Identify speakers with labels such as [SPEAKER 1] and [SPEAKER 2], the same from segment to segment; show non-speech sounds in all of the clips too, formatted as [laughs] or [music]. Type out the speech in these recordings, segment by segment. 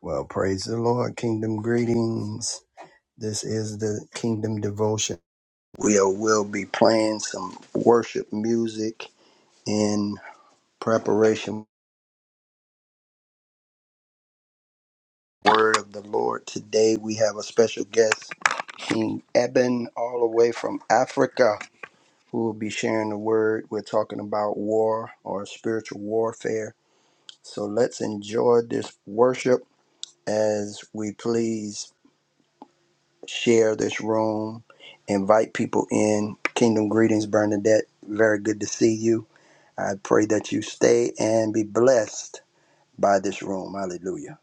[SPEAKER 1] Well, praise the Lord. Kingdom greetings. This is the Kingdom Devotion. We will will be playing some worship music in preparation for the word of the Lord. Today we have a special guest, King Eben, all the way from Africa, who will be sharing the word. We're talking about war or spiritual warfare. So let's enjoy this worship as we please. share this room, invite people in. Kingdom greetings, Bernadette. Very good to see you. I pray that you stay and be blessed by this room. Hallelujah.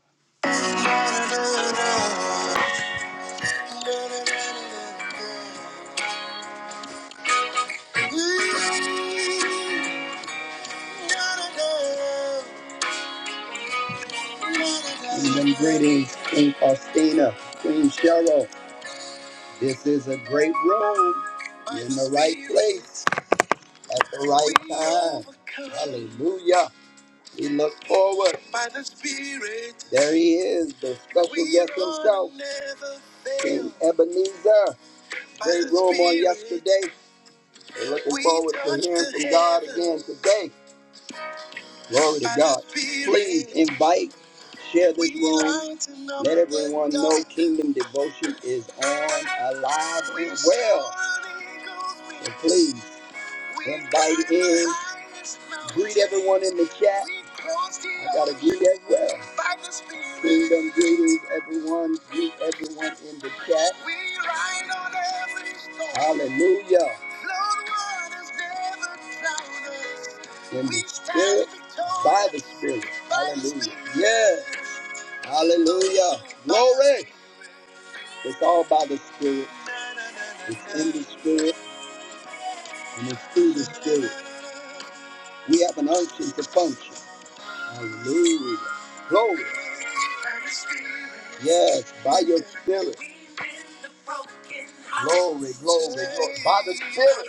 [SPEAKER 1] Kingdom greetings, Queen Faustina, Queen Cheryl. This is a great room. You're in the right place at the right time. Hallelujah. We look forward. By the Spirit. There he is, the special guest himself. King Ebenezer. Great room on yesterday. We're looking forward to hearing from God again today. Glory to God. Please invite, share this room. Let everyone know Kingdom Devotion is on, alive, and well. And please. Invite in. Greet everyone in the chat. I gotta greet as well. Kingdom greetings, everyone. Greet everyone in the chat. Hallelujah. In the spirit, by the spirit. Hallelujah. Yes. Hallelujah. Glory. It's all by the spirit. It's in the spirit and it's through the spirit. We have an unction to function. Hallelujah. Glory. Yes, by your spirit. Glory, glory, glory. By the spirit.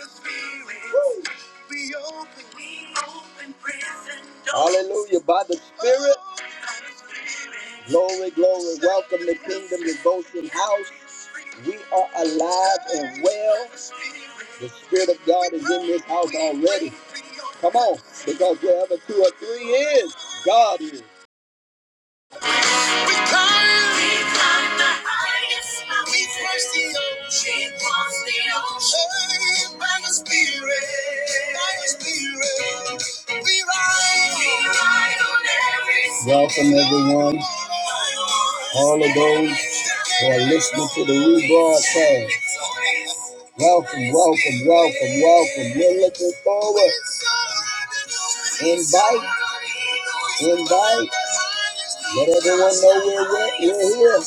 [SPEAKER 1] Woo. Hallelujah. By the spirit. Glory, glory. Welcome to Kingdom Devotion House. We are alive and well. The God is in this house already. Come on, because He is. God is. We climb. We climb the highest mountain. We cross the ocean. We cross the ocean. Hey, by the Spirit. By the Spirit. We ride. We ride on every sea. Welcome, everyone. All of those who are listening to the rebroadcast. Welcome, welcome, welcome, welcome. We're looking forward. Invite, invite. Let everyone know we're, we're, we're here.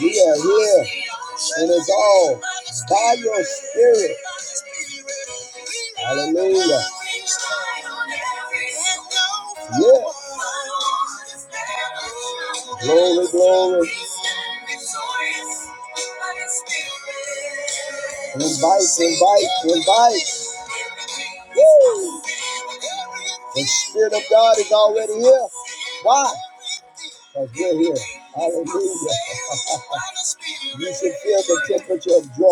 [SPEAKER 1] We are here. And it's all by your spirit. Hallelujah. Why? Because the aperture of joy,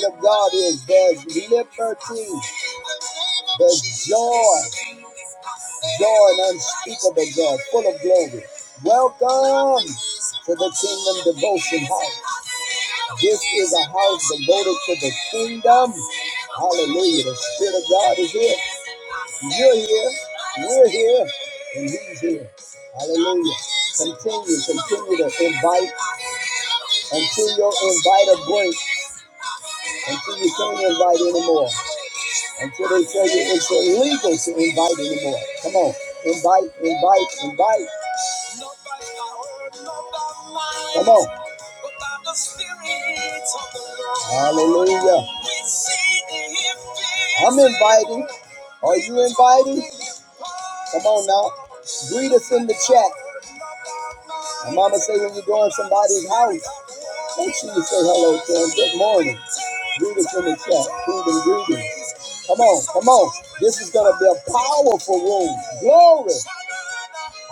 [SPEAKER 1] gift of God is, liberty. Welcome here. here. Hallelujah. Come on. Invite, invite. Are not? Greet us in the chat. My mama say when you go in somebody's house, make sure you say hello to them. Good morning. Greet us in the chat. Kingdom greetings. Come on, come on. This is gonna be a powerful room. Glory.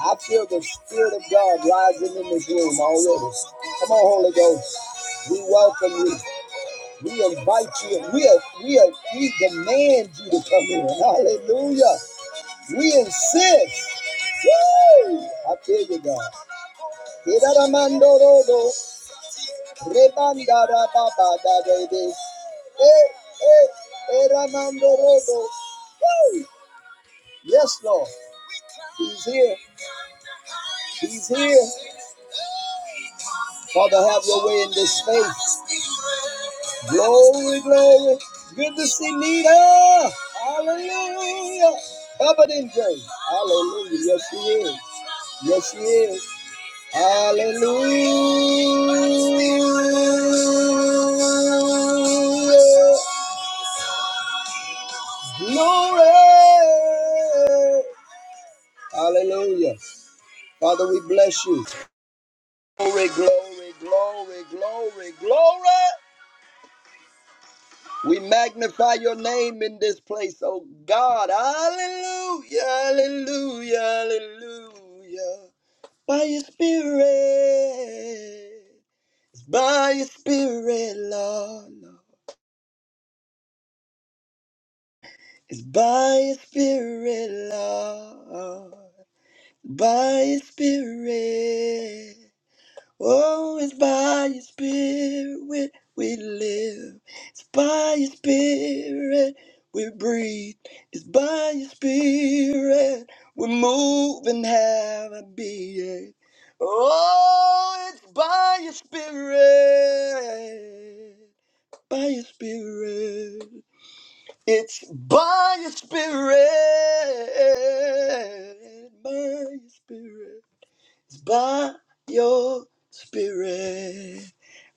[SPEAKER 1] I feel the spirit of God rising in this room already. Come on, Holy Ghost. We welcome you. We invite you. We are, we are, we demand you to come in. Hallelujah. We insist. Woo! I feel you, God. Rebanda da ba ba da de de. Eh, eh, eh, ramando Yes, Lord. He's here. Father, have your glory, glory. Good to see Nita. Hallelujah. Covered in grace. Hallelujah. Yes, she is. Yes, she is. Hallelujah. Glory. Hallelujah. Father, we bless you. Glory, glory, glory, glory, glory. We magnify your name in this place, oh God. Hallelujah, hallelujah, hallelujah. By your spirit, it's by your spirit, Lord. Lord. It's by your spirit, Lord. By your spirit. Oh, it's by your spirit we we live. It's by your spirit we breathe. It's by your spirit we move and have a being. Oh, it's by your spirit. By your spirit. It's by your spirit. By your spirit. It's by your spirit.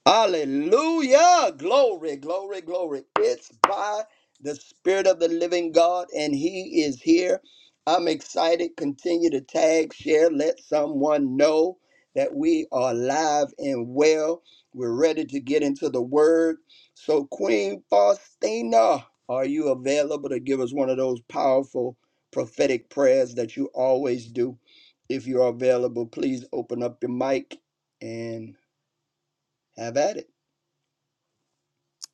[SPEAKER 1] Hallelujah. Glory, glory, glory. It's by the Spirit of the living God, and He is here. I'm excited. Continue to tag, share, let someone know that we are live and well. We're ready to get into the Word. So, Queen Faustina, are you available to give us one of those powerful prophetic prayers that you always do? If you are available, please open up your mic and have at it.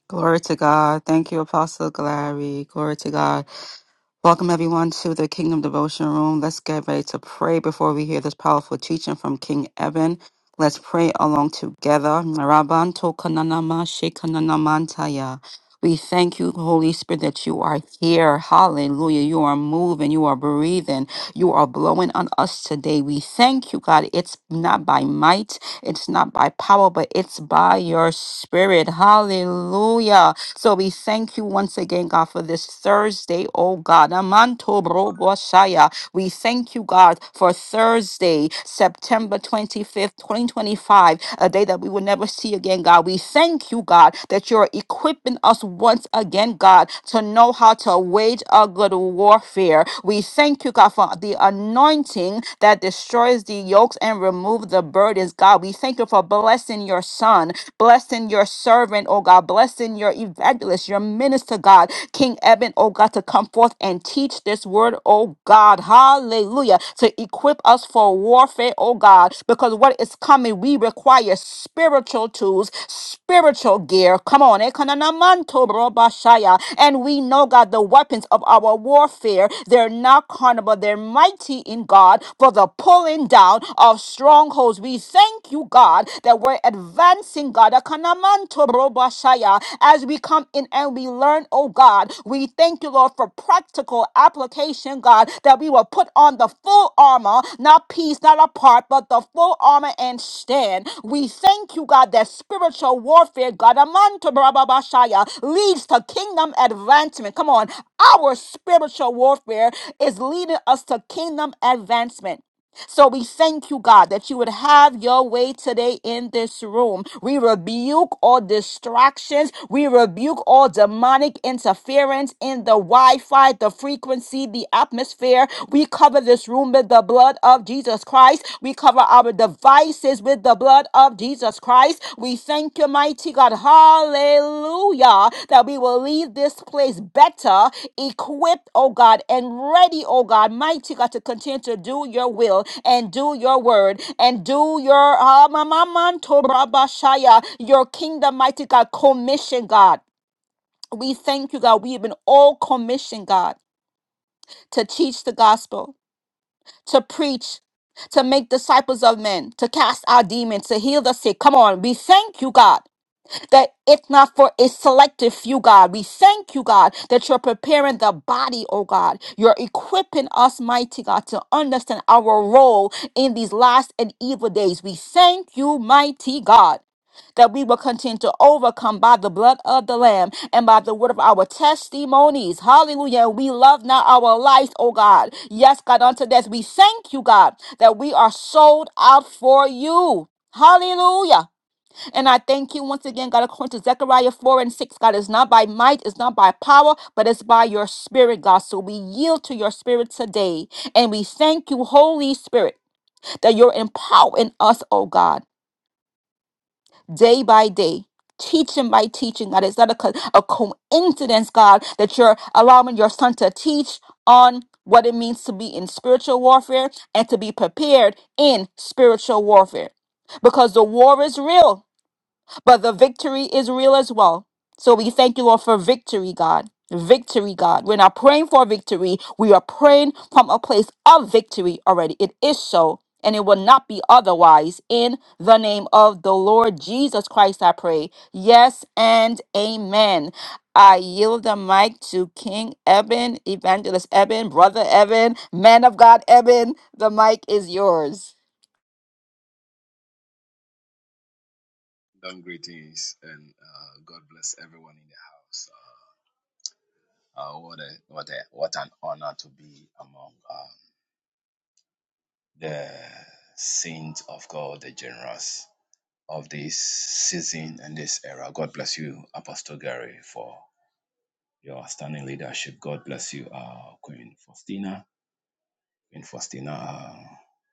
[SPEAKER 2] Glory to God. Thank you, Apostle Glory. Glory to God. Welcome everyone to the Kingdom Devotion Room. Let's get ready to pray before we hear this powerful teaching from King Evan. Let's pray along together. Marabanto kananama shekananamantaya. We thank you, Holy Spirit, that you are here. Hallelujah. You are moving. You are breathing. You are blowing on us today. We thank you, God. It's not by might, it's not by power, but it's by your spirit. Hallelujah. So we thank you once again, God, for this Thursday, oh God. Amanto bro we thank you, God, for Thursday, September 25th, 2025, a day that we will never see again, God. We thank you, God, that you're equipping us once again, God, to know how to wage a good warfare. We thank you, God, for the anointing that destroys the yokes and remove the burdens, God. We thank you for blessing your son, blessing your servant, oh God, blessing your evangelist, your minister to God. King Eben, oh God, to come forth and teach this word, oh God. Hallelujah. To equip us for warfare, oh God, because what is coming, we require spiritual tools, spiritual gear. Come on. Ekananamanto brobashaya. And we know, God, the weapons of our warfare, they're not carnal, but they're mighty in God for the pulling down of strongholds. We thank you, God, that we're advancing advancing, God. Akanamanto robashaya. As we come in and we learn, oh God, we thank you, Lord, for practical application, God, that we will put on the full armor, not piece, not apart, but the full armor and stand. We thank you, God, that spiritual warfare, God, amanto robashaya, leads to kingdom advancement. Come on. Our spiritual warfare is leading us to kingdom advancement. So we thank you, God, that you would have your way today in this room. We rebuke all distractions. We rebuke all demonic interference in the Wi Fi, the frequency, the atmosphere. We cover this room with the blood of Jesus Christ. We cover our devices with the blood of Jesus. Jesus Christ. We thank you, mighty God. Hallelujah. That we will leave this place better, equipped, oh God, and ready, oh God, mighty God, to continue to do your will and do your word and do your ah, ma- ma- man, to rabba shaya, your kingdom, mighty God, commission, God. We thank you, God. We have been all commissioned, God, to teach the gospel, to preach, to make disciples of men, to cast out demons, to heal the sick. Come on, we thank you, God that it's not for a selective few, God. We thank you, God, that you're preparing the body, oh God. You're equipping us, mighty God, to understand our role in these last and evil days. We thank you, mighty God that we will continue to overcome by the blood of the Lamb and by the word of our testimonies. Hallelujah. We love now our life, oh God. Yes, God, unto death. We thank you, God, that we are sold out for you. Hallelujah. And I thank you once again, God, according to Zechariah 4 and 6. God, it's not by might, it's not by power, but it's by your spirit, God. So we yield to your spirit today. And we thank you, Holy Spirit, that you're empowering us, oh God, day by day. Teaching by teaching, God. It's not a, co- a coincidence, God, that you're allowing your son to teach on what it means to be in spiritual warfare and to be prepared in spiritual warfare. Because the war is real but the victory is real as well. So we thank you, Lord, for victory, God. Victory, God. We're not praying for victory. We are praying from a place of victory already. It is so, and it will not be otherwise. In the name of the Lord Jesus Christ, I pray. Yes and amen. I yield the mic to King Eben, Evangelist Eben, Brother Eben, Man of God Eben. The mic is yours.
[SPEAKER 3] Kingdom greetings and uh, God bless everyone in the house. Uh, uh, what a what a what an honor to be among uh, the saints of God, the generous of this season and this era. God bless you, Apostle Gary, for your outstanding leadership. God bless you, uh, Queen Faustina. Queen Faustina, uh,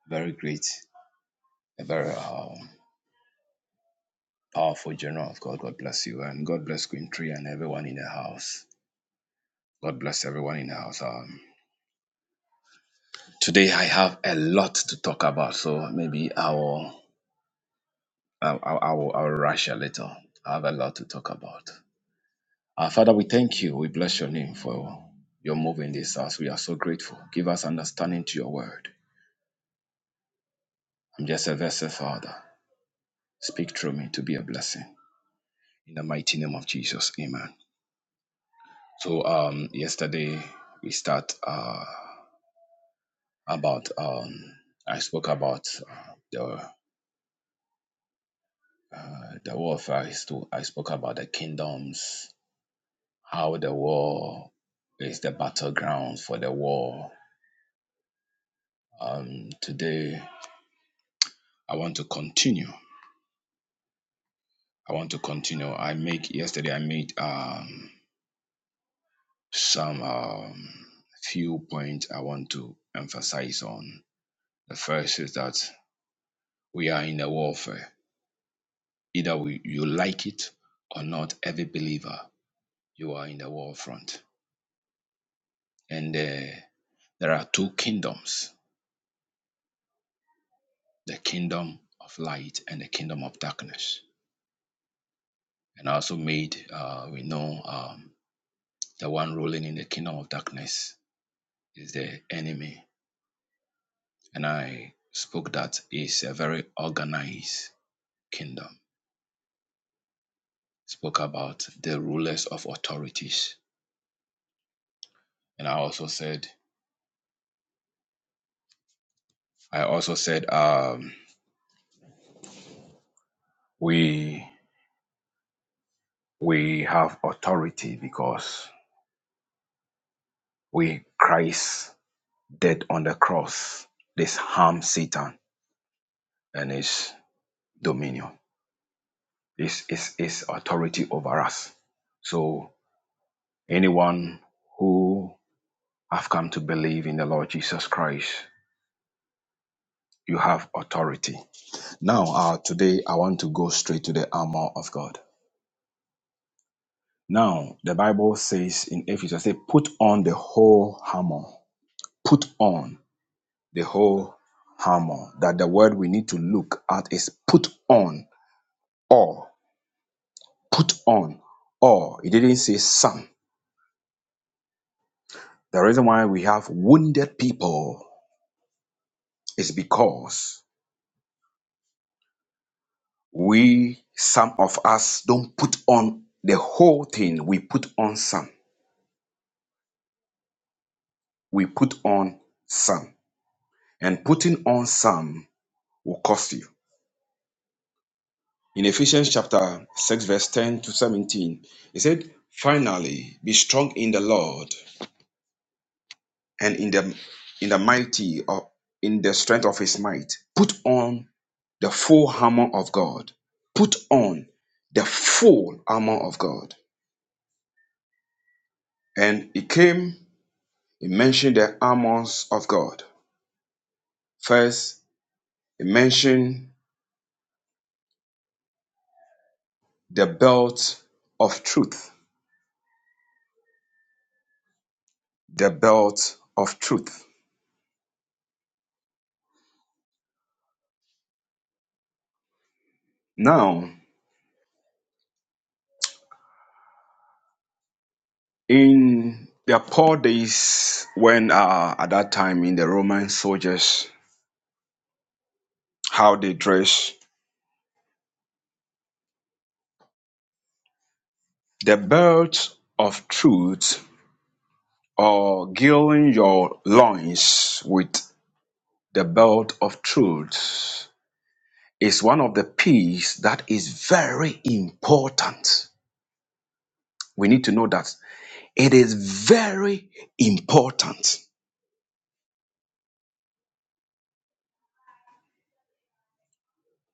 [SPEAKER 3] very great, a very um, powerful general of God. God bless you, and God bless Queen Tree and everyone in the house. God bless everyone in the house. Um, Today I have a lot to talk about, so maybe I will, I will, I will, I will rush a little. I have a lot to talk about. Our Father, we thank you. We bless your name for your move in this house. We are so grateful. Give us understanding to your word. I'm just a vessel, Father. Speak through me to be a blessing. In the mighty name of Jesus, Amen. So, um, yesterday we start uh, about um, I spoke about uh, the uh, the warfare. I, sto- I spoke about the kingdoms how the war is the battleground for the war. Um, today, I want to continue. I want to continue. I make yesterday. I made um, some um, few points I want to emphasize on. The first is that we are in a warfare. Either we, you like it or not, every believer you are in the war front. And uh, there are two kingdoms: the kingdom of light and the kingdom of darkness and also made uh, we know um, the one ruling in the kingdom of darkness is the enemy and i spoke that is a very organized kingdom spoke about the rulers of authorities and i also said i also said um, we we have authority because we christ dead on the cross this harm satan and his dominion his, his, his authority over us so Anyone who have come to believe in the Lord Jesus Christ, you have authority. Now, uh, today I want to go straight to the armor of God. Now, the Bible says in Ephesians, say, put on the whole armor. Put on the whole armor. That the word we need to look at is put on or put on or. It didn't say some. The reason why we have wounded people is because we some of us don't put on the whole thing we put on some we put on some and putting on some will cost you in ephesians chapter 6 verse 10 to 17 it said finally be strong in the lord and in the in the mighty or in the strength of his might put on the full armor of god put on the full armor of god and it came He mentioned the armors of God. First, he mentioned the belt of truth. The belt of truth. Now, in the Paul days, when uh, at that time in the Roman soldiers, how they dress, the belt of truth or girding your loins with the belt of truth is one of the piece that is very important. We need to know that It is very important.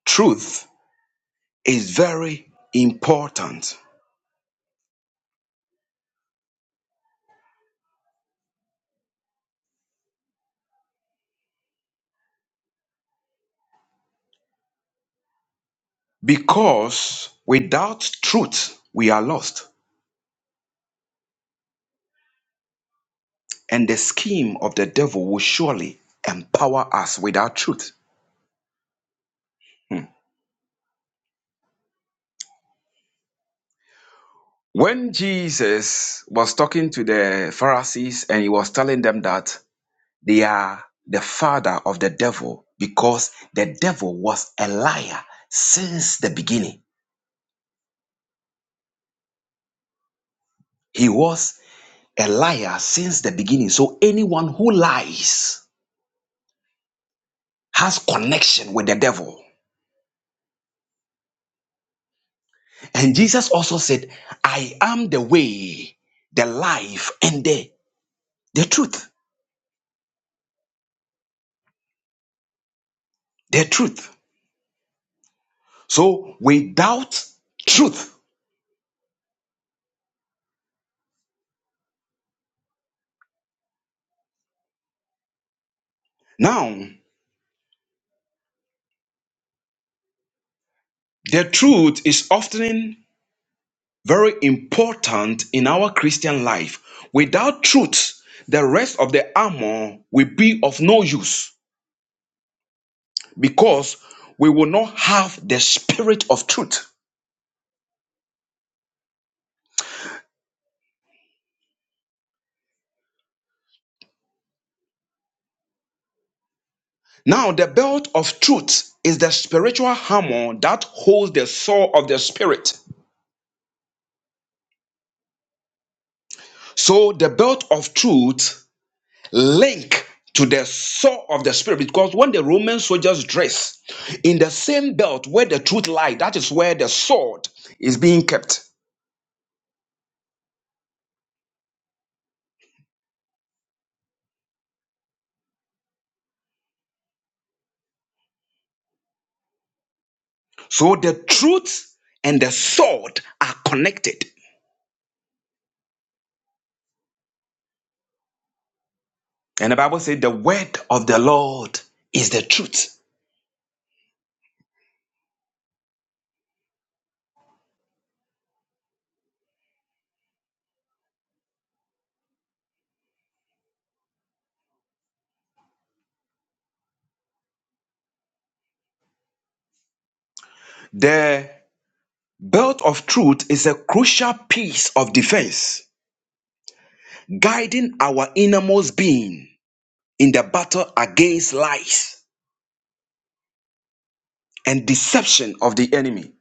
[SPEAKER 3] Truth is very important because without truth, we are lost. And the scheme of the devil will surely empower us without truth. Hmm. When Jesus was talking to the Pharisees and he was telling them that they are the father of the devil because the devil was a liar since the beginning. He was a liar since the beginning. So anyone who lies has connection with the devil. And Jesus also said, I am the way, the life, and the, the truth. The truth. So without truth. Now, the truth is often very important in our Christian life. Without truth, the rest of the armor will be of no use because we will not have the spirit of truth. Now, the belt of truth is the spiritual hammer that holds the sword of the spirit. So, the belt of truth link to the sword of the spirit because when the Roman soldiers dress in the same belt where the truth lies, that is where the sword is being kept. So, the truth and the sword are connected. And the Bible says, The word of the Lord is the truth. The belt of truth is a crucial piece of defense guiding our innermost being in the battle against lies and deception of the enemy.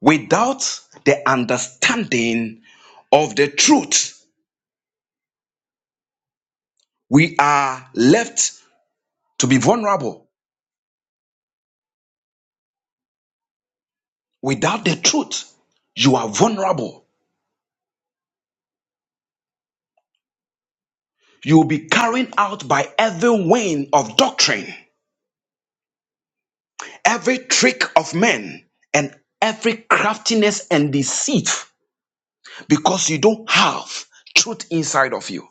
[SPEAKER 3] Without the understanding of the truth, we are left to be vulnerable. Without the truth, you are vulnerable. You will be carried out by every wind of doctrine, every trick of men, and every craftiness and deceit because you don't have truth inside of you.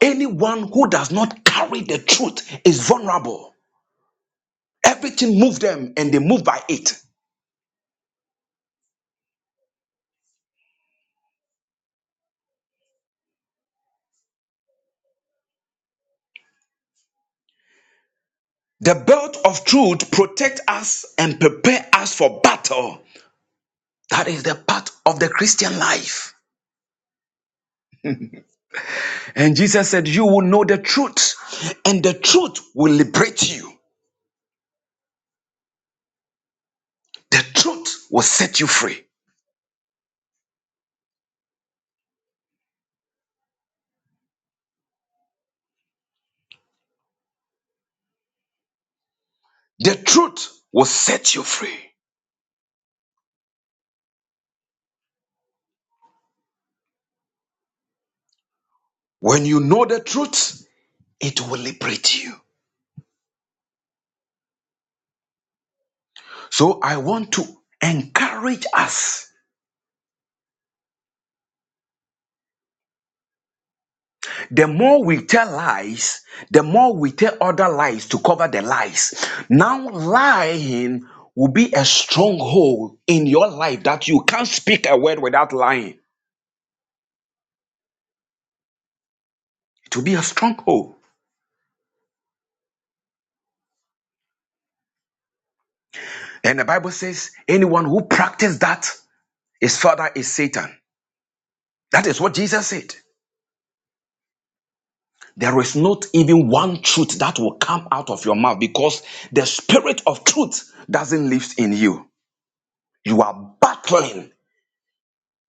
[SPEAKER 3] Anyone who does not carry the truth is vulnerable. Everything moves them and they move by it. The belt of truth protects us and prepare us for battle. That is the part of the Christian life. And Jesus said, You will know the truth, and the truth will liberate you. The truth will set you free. The truth will set you free. When you know the truth, it will liberate you. So I want to encourage us The more we tell lies, the more we tell other lies to cover the lies. Now, lying will be a stronghold in your life that you can't speak a word without lying. It will be a stronghold. And the Bible says, anyone who practices that, his father is Satan. That is what Jesus said. There is not even one truth that will come out of your mouth because the spirit of truth doesn't live in you. You are battling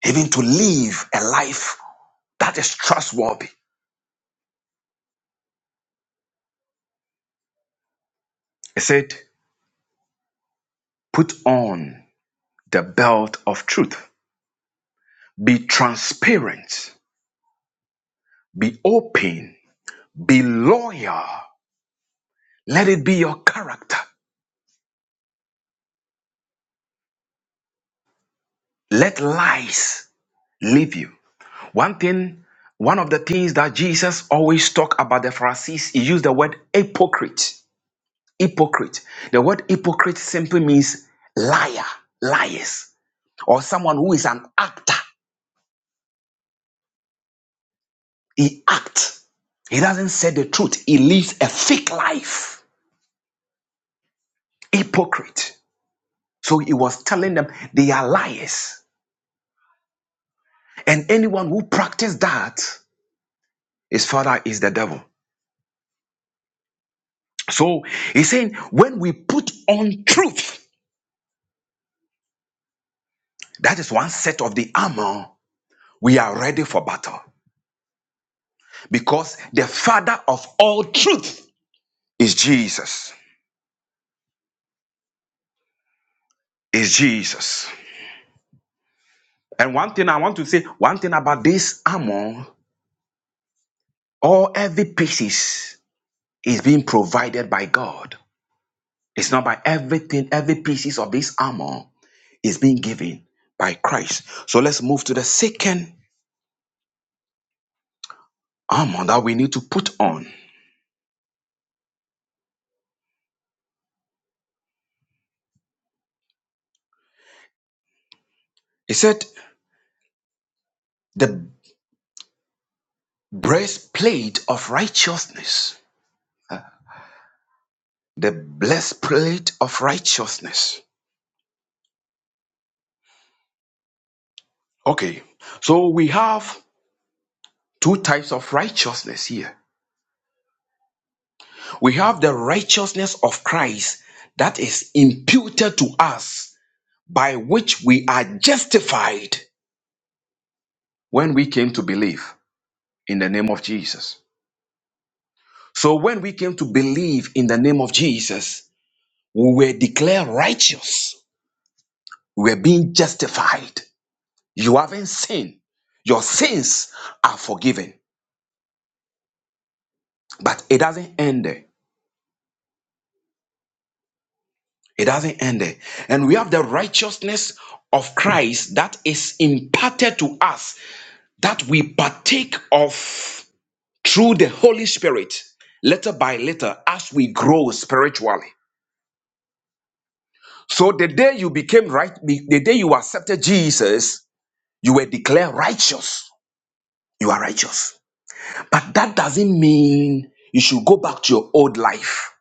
[SPEAKER 3] even to live a life That is trustworthy. It said, put on the belt of truth. Be transparent. Be open. Be loyal. Let it be your character. Let lies leave you. One thing, one of the things that Jesus always talk about the Pharisees, he used the word hypocrite. Hypocrite. The word hypocrite simply means liar, liars, or someone who is an actor. He acts. He doesn't say the truth. He lives a fake life. Hypocrite. So he was telling them they are liars. And anyone who practices that, his father is the devil. So he's saying when we put on truth, that is one set of the armor, we are ready for battle. Because the father of all truth is Jesus. Is Jesus. And one thing I want to say, one thing about this armor, all every pieces is being provided by God. It's not by everything, every pieces of this armor is being given by Christ. So let's move to the second armor that we need to put on. He said, the breastplate of righteousness. The breastplate of righteousness. Okay, so we have two types of righteousness here. We have the righteousness of Christ that is imputed to us by which we are justified when we came to believe in the name of Jesus. So when we came to believe in the name of Jesus, we were declared righteous. We were being justified. You haven't sinned. Your sins are forgiven. But it doesn't end there. It doesn't end there. And we have the righteousness of Christ that is imparted to us that we partake of through the Holy Spirit little by little as we grow spiritually. So the day you became right, the day you accepted Jesus, you were declared righteous. You are righteous. But that doesn't mean you should go back to your old life.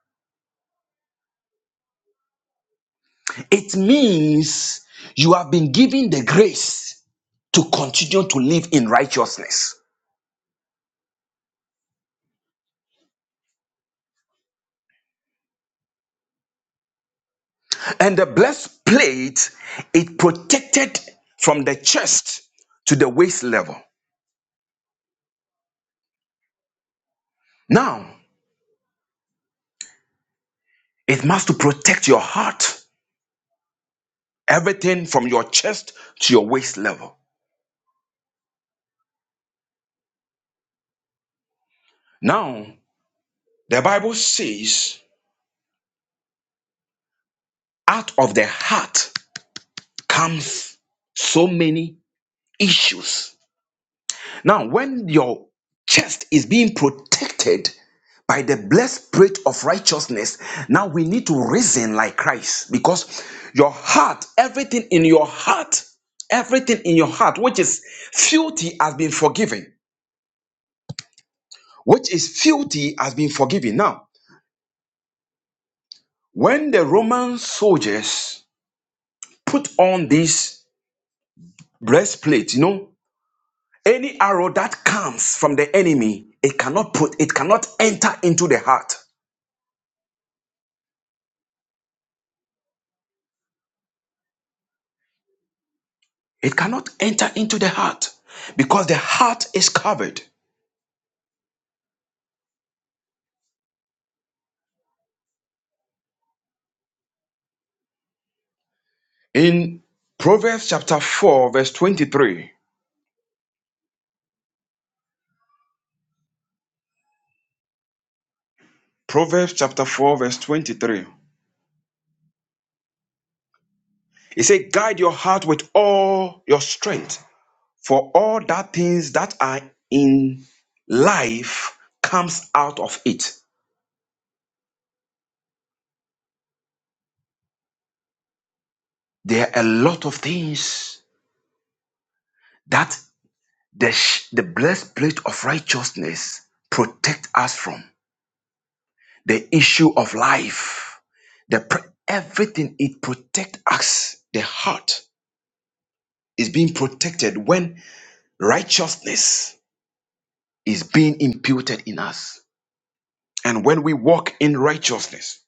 [SPEAKER 3] It means you have been given the grace to continue to live in righteousness. And the blessed plate, it protected from the chest to the waist level. Now, it must to protect your heart, everything from your chest to your waist level. Now, The Bible says, out of the heart comes so many issues. Now, when your chest is being protected by the blessed spirit of righteousness, now we need to reason like Christ because your heart, everything in your heart, everything in your heart which is filthy has been forgiven. Which is filthy has been forgiven. Now, when the Roman soldiers put on this breastplate, you know, Any arrow that comes from the enemy, it cannot put, it cannot enter into the heart. It cannot enter into the heart because the heart is covered. In Proverbs chapter 4, verse 23, Proverbs chapter 4, verse 23, it says, Guide your heart with all your strength, for all that things that are in life comes out of it. There are a lot of things that. The, sh- the blessed plate of righteousness protect us from the issue of life. The pr- everything it protect us. The heart is being protected when righteousness is being imputed in us, and when we walk in righteousness.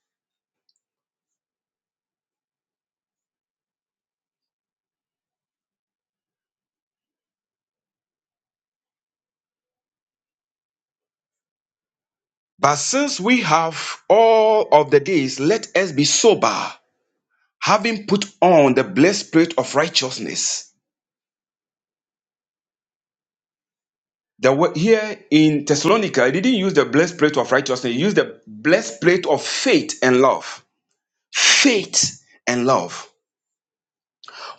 [SPEAKER 3] But since we have all of the days, let us be sober, having put on the blessed plate of righteousness The wo- here in Thessalonica, he didn't use the breastplate of righteousness. He used the breastplate of faith and love. Faith and love.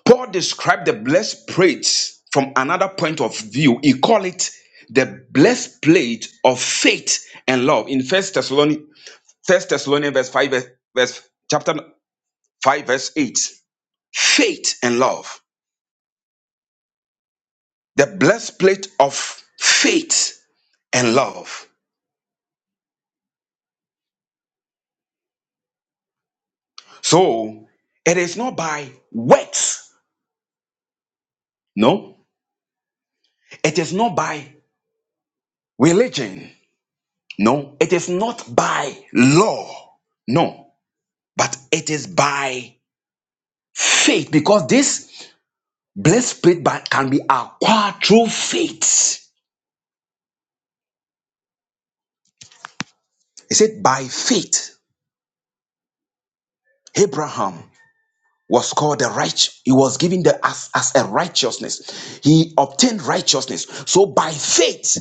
[SPEAKER 3] Paul described the breastplate from another point of view. He called it the breastplate of faith and love in First Thessalonians, First Thessalonians, verse five, verse, verse- chapter five, verse eight. Faith and love. The breastplate of faith and love. So it is not by works No, it is not by religion. No, it is not by law. No, but it is by faith because this blessed spirit by- can be acquired through faith. It said, by faith, Abraham was called the righteous. He was given the as, as a righteousness. He obtained righteousness. So by faith,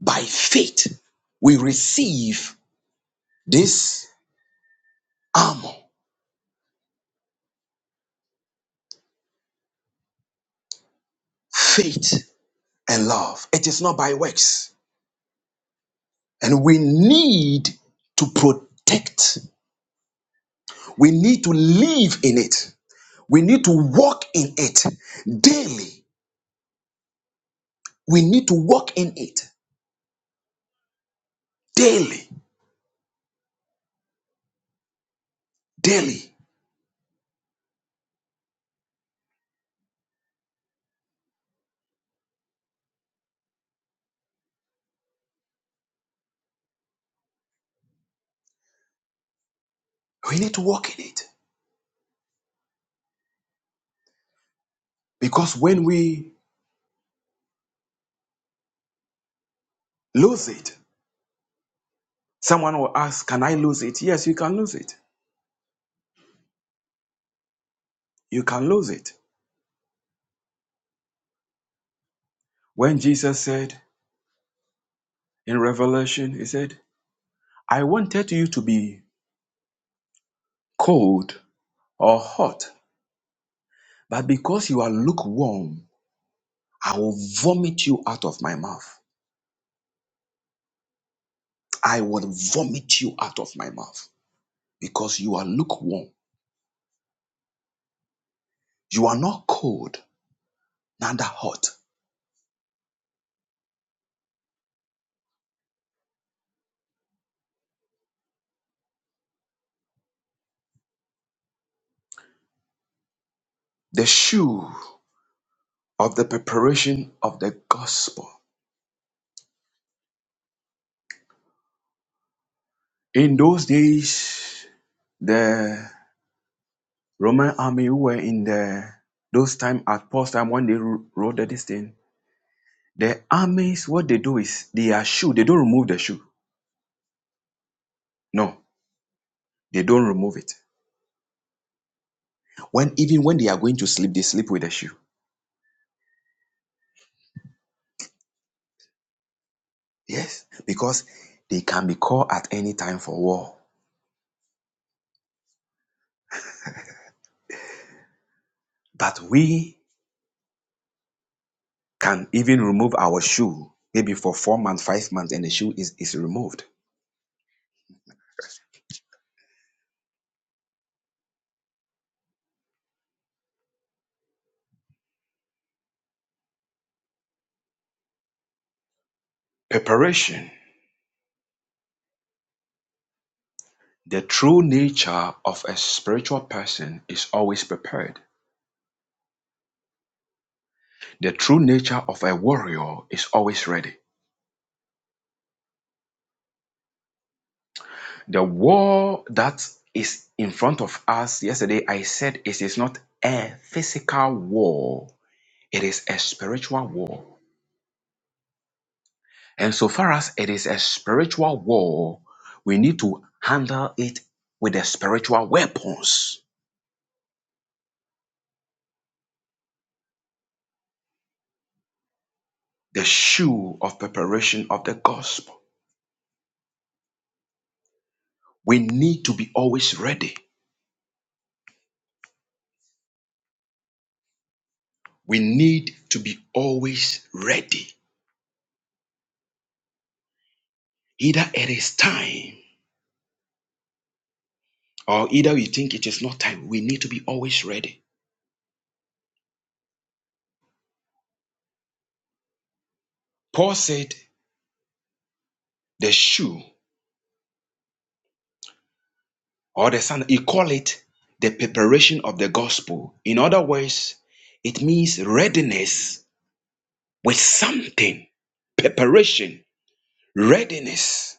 [SPEAKER 3] by faith, we receive this armor, faith. and love. It is not by works. And we need to protect, we need to live in it, we need to walk in it daily. We need to walk in it daily, daily. We need to walk in it because when we lose it, someone will ask, Can I lose it? Yes, you can lose it. You can lose it. When Jesus said in Revelation, He said, I wanted you to be cold or hot, But because you are lukewarm, I will vomit you out of my mouth. I will vomit you out of my mouth because you are lukewarm. You are not cold, neither hot. The shoe of the preparation of the gospel. In those days, the Roman army who were in the those time at Paul's time when they ro- roaded this thing, the armies what they do is they are shoe. They don't remove the shoe. No, they don't remove it. When even when they are going to sleep, they sleep with a shoe. Yes, because they can be called at any time for war. But we can even remove our shoe, maybe for four months, five months, and the shoe is, is removed. Preparation. The true nature of a spiritual person is always prepared. The true nature of a warrior is always ready. The war that is in front of us yesterday, I said it is not a physical war, it is a spiritual war. And so far as it is a spiritual war, we need to handle it with the spiritual weapons, the shoe of preparation of the gospel. We need to be always ready. We need to be always ready. Either it is time or either we think it is not time. We need to be always ready. Paul said the shoe or the sandal, he call it the preparation of the gospel. In other words, it means readiness with something preparation, readiness.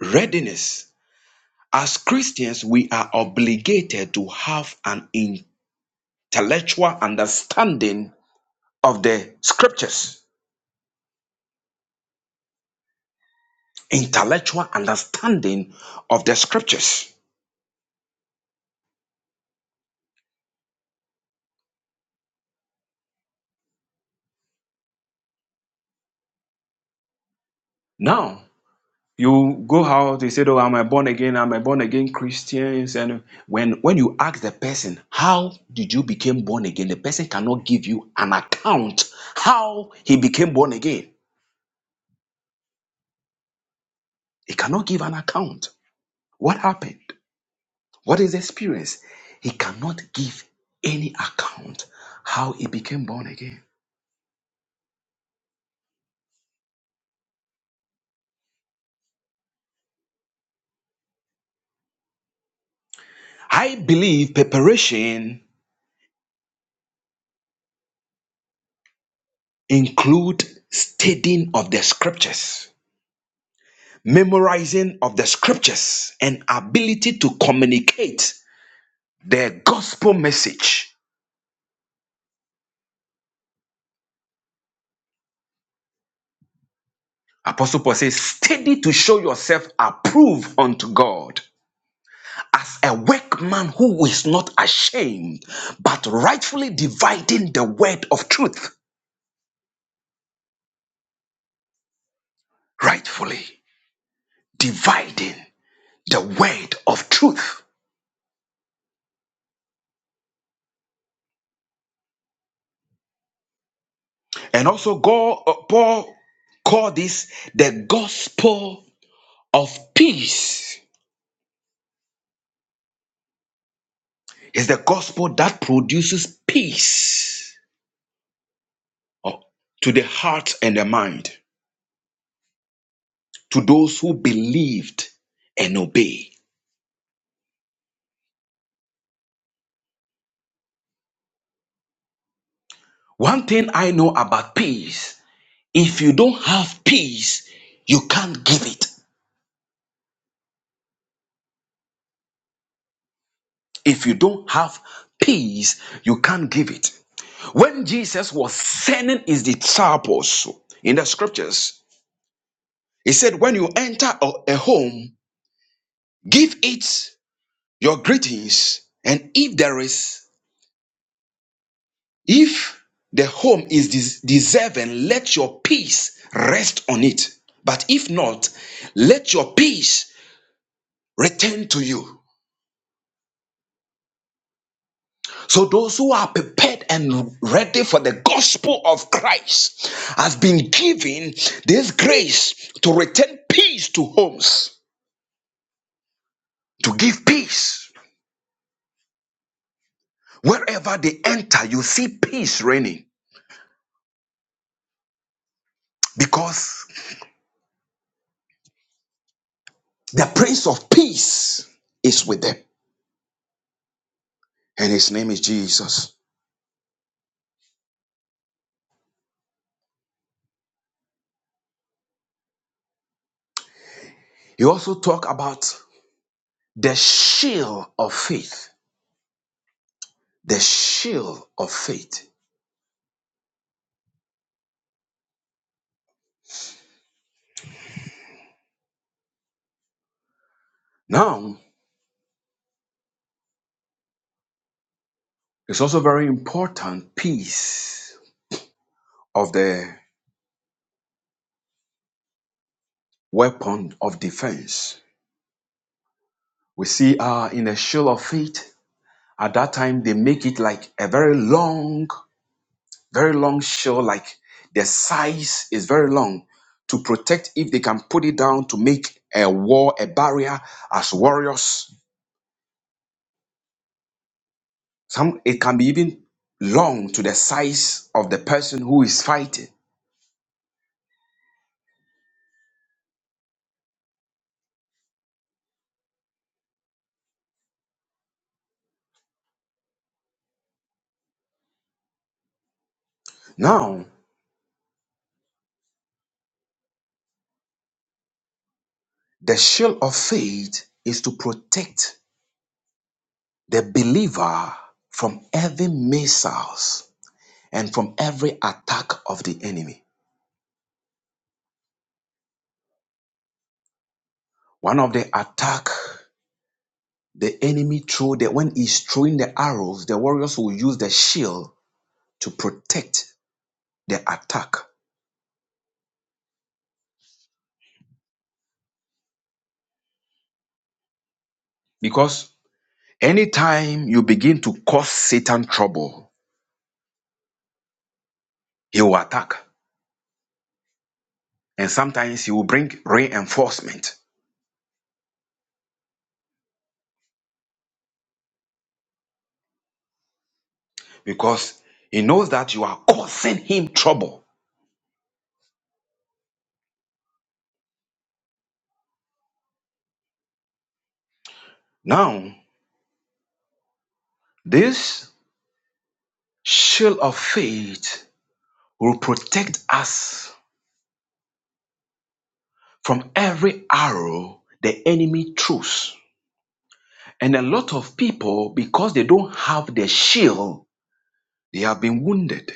[SPEAKER 3] Readiness. As Christians, we are obligated to have an intellectual understanding of the scriptures. Intellectual understanding of the scriptures. Now, you go out, they say, Oh, am I born again? Am I born again Christians? And when, when you ask the person, How did you become born again? The person cannot give you an account how he became born again He cannot give an account. What happened? What is the experience? He cannot give any account how he became born again. I believe preparation include studying of the scriptures, memorizing of the scriptures, and ability to communicate the gospel message. Apostle Paul says, study to show yourself approved unto God as a workman who is not ashamed, but rightfully dividing the word of truth. Rightfully dividing the word of truth. And also, God, uh, Paul called this the gospel of peace. It's the gospel that produces peace uh, to the heart and the mind, to those who believed and obey. One thing I know about peace If you don't have peace, you can't give it. If you don't have peace, you can't give it. When Jesus was sending his disciples in the scriptures, he said, When you enter a a home, give it your greetings. And if there is, if the home is des- deserving, let your peace rest on it. But if not, let your peace return to you. So those who are prepared and ready for the gospel of Christ have been given this grace to return peace to homes, to give peace. Wherever they enter, you see peace reigning because the Prince of Peace is with them, and his name is Jesus. He also talk about the shield of faith, the shield of faith. Now, it's also very important piece of the weapon of defense. We see uh, in a shield of faith, at that time they make it like a very long, very long shield, like the size is very long to protect if they can put it down to make a wall, a barrier as warriors. Some it can be even long to the size of the person who is fighting. Now, the shield of faith is to protect the believer from every missiles and from every attack of the enemy. One of the attack the enemy threw that when he's throwing the arrows, the warriors will use the shield to protect the attack. Because anytime you begin to cause Satan trouble, he will attack. And sometimes he will bring reinforcement because he knows that you are causing him trouble. Now, this shield of faith will protect us from every arrow the enemy throws. And a lot of people, because they don't have the shield, they have been wounded.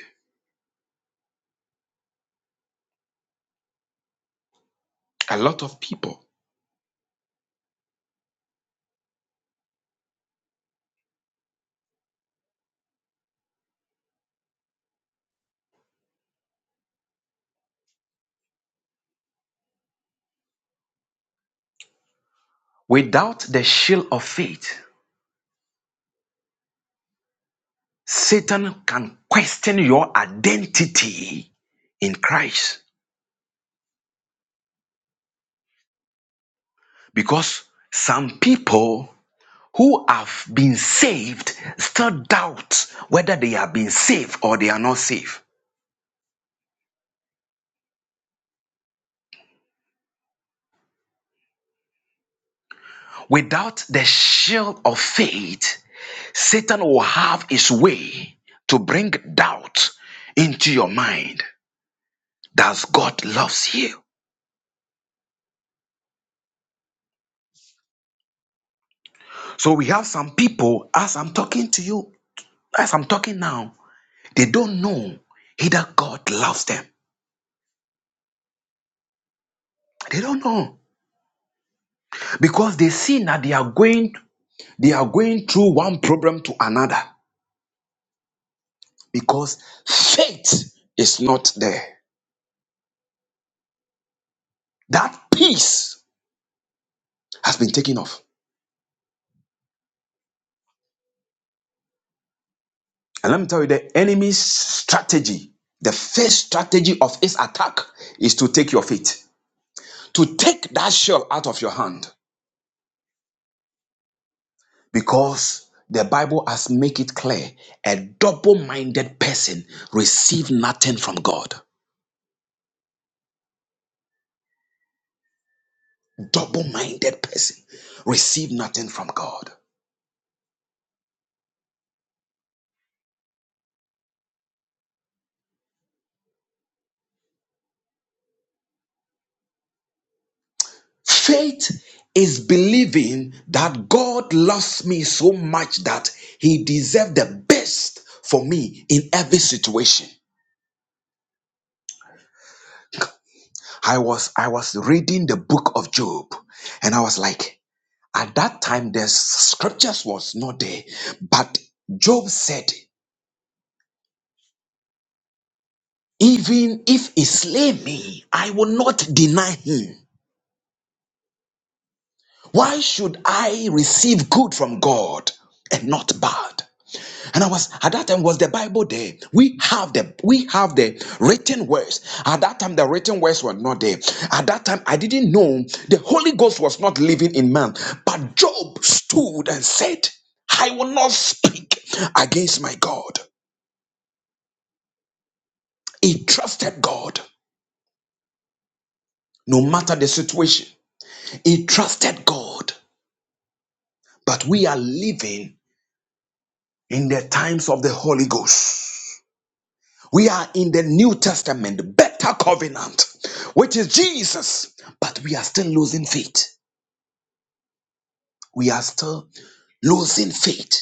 [SPEAKER 3] A lot of people. Without the shield of faith, Satan can question your identity in Christ. Because some people who have been saved still doubt whether they have been saved or they are not saved. Without the shield of faith, Satan will have his way to bring doubt into your mind that God loves you. So we have some people, as I'm talking to you, as I'm talking now, they don't know either God loves them. They don't know because they see that they are going, they are going through one problem to another because faith is not there. That peace has been taken off. And let me tell you, the enemy's strategy, the first strategy of his attack is to take your faith, to take that shell out of your hand. Because the Bible has made it clear a double minded person receive nothing from God. Double minded person receive nothing from God. Faith is believing that God loves me so much that he deserves the best for me in every situation. I was I was reading the book of Job and I was like at that time the scriptures was not there but Job said even if he slay me I will not deny him why should I receive good from God and not bad And I was at that time was the Bible there. We have the we have the written words. At that time, the written words were not there. At that time, I didn't know the Holy Ghost was not living in man. But Job stood and said, I will not speak against my God. He trusted God, no matter the situation. He trusted God. But we are living in the times of the Holy Ghost. We are in the New Testament, the better covenant, which is Jesus, but we are still losing faith. We are still losing faith,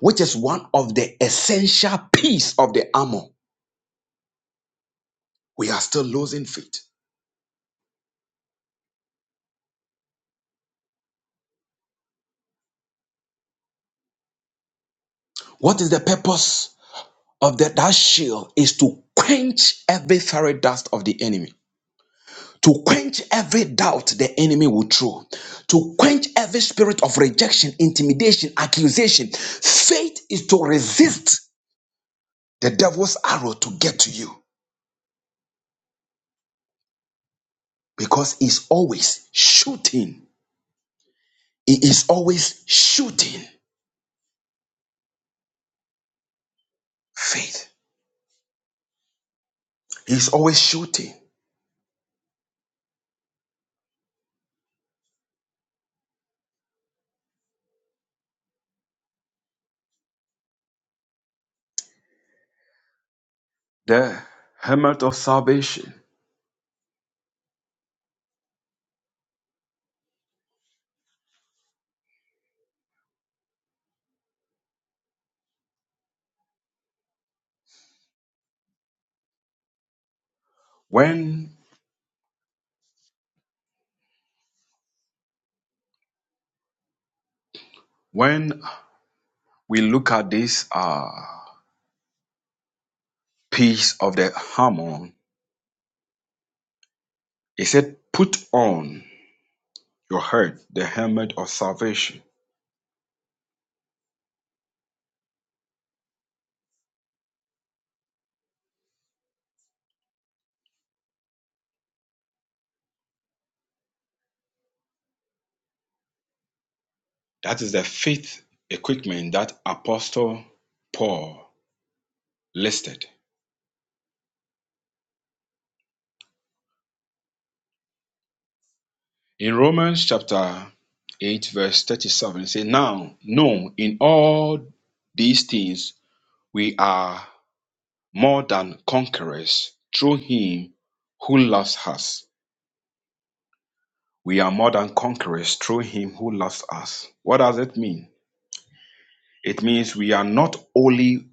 [SPEAKER 3] which is one of the essential piece of the armor. We are still losing faith. What is the purpose of that, that shield? Is to quench every fiery dust of the enemy, to quench every doubt the enemy will throw, to quench every spirit of rejection, intimidation, accusation. Faith is to resist the devil's arrow to get to you because he's always shooting. He is always shooting faith. He's always shooting the helmet of salvation. When when we look at this uh, piece of the hammer, it said, "Put on your head the helmet of salvation." That is the faith equipment that Apostle Paul listed. In Romans chapter 8, verse 37, it says, Now, no, in all these things we are more than conquerors through him who loves us. We are more than conquerors through him who loves us. What does it mean? It means we are not only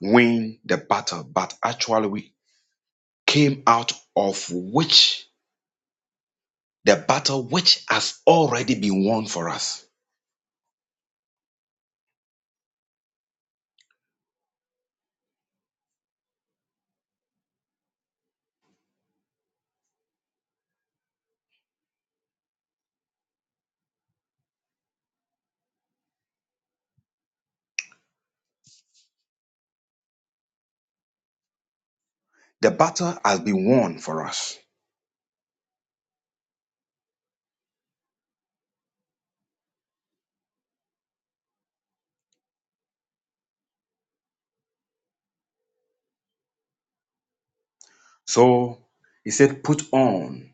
[SPEAKER 3] win the battle, but actually we came out of which the battle which has already been won for us. The battle has been won for us So he said, put on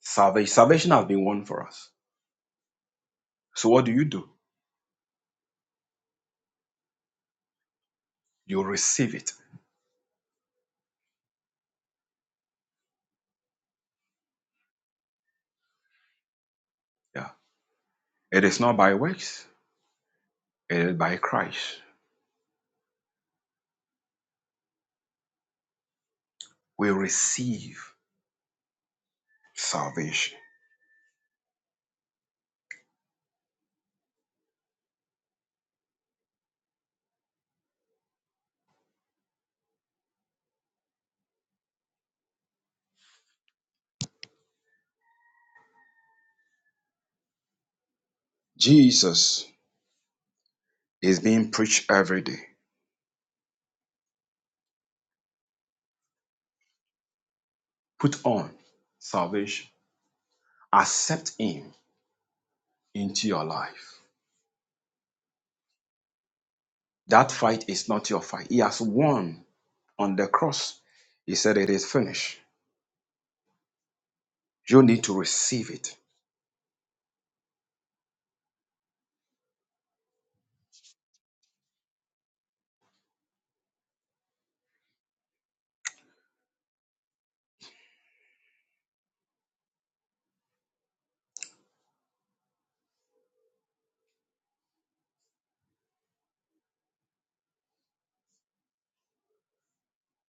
[SPEAKER 3] salvation. Salvation has been won for us. So what do you do? You receive it. Yeah. It is not by works, it is by Christ. We receive salvation. Jesus is being preached every day. Put on salvation. Accept him into your life. That fight is not your fight. He has won on the cross. He said it is finished. You need to receive it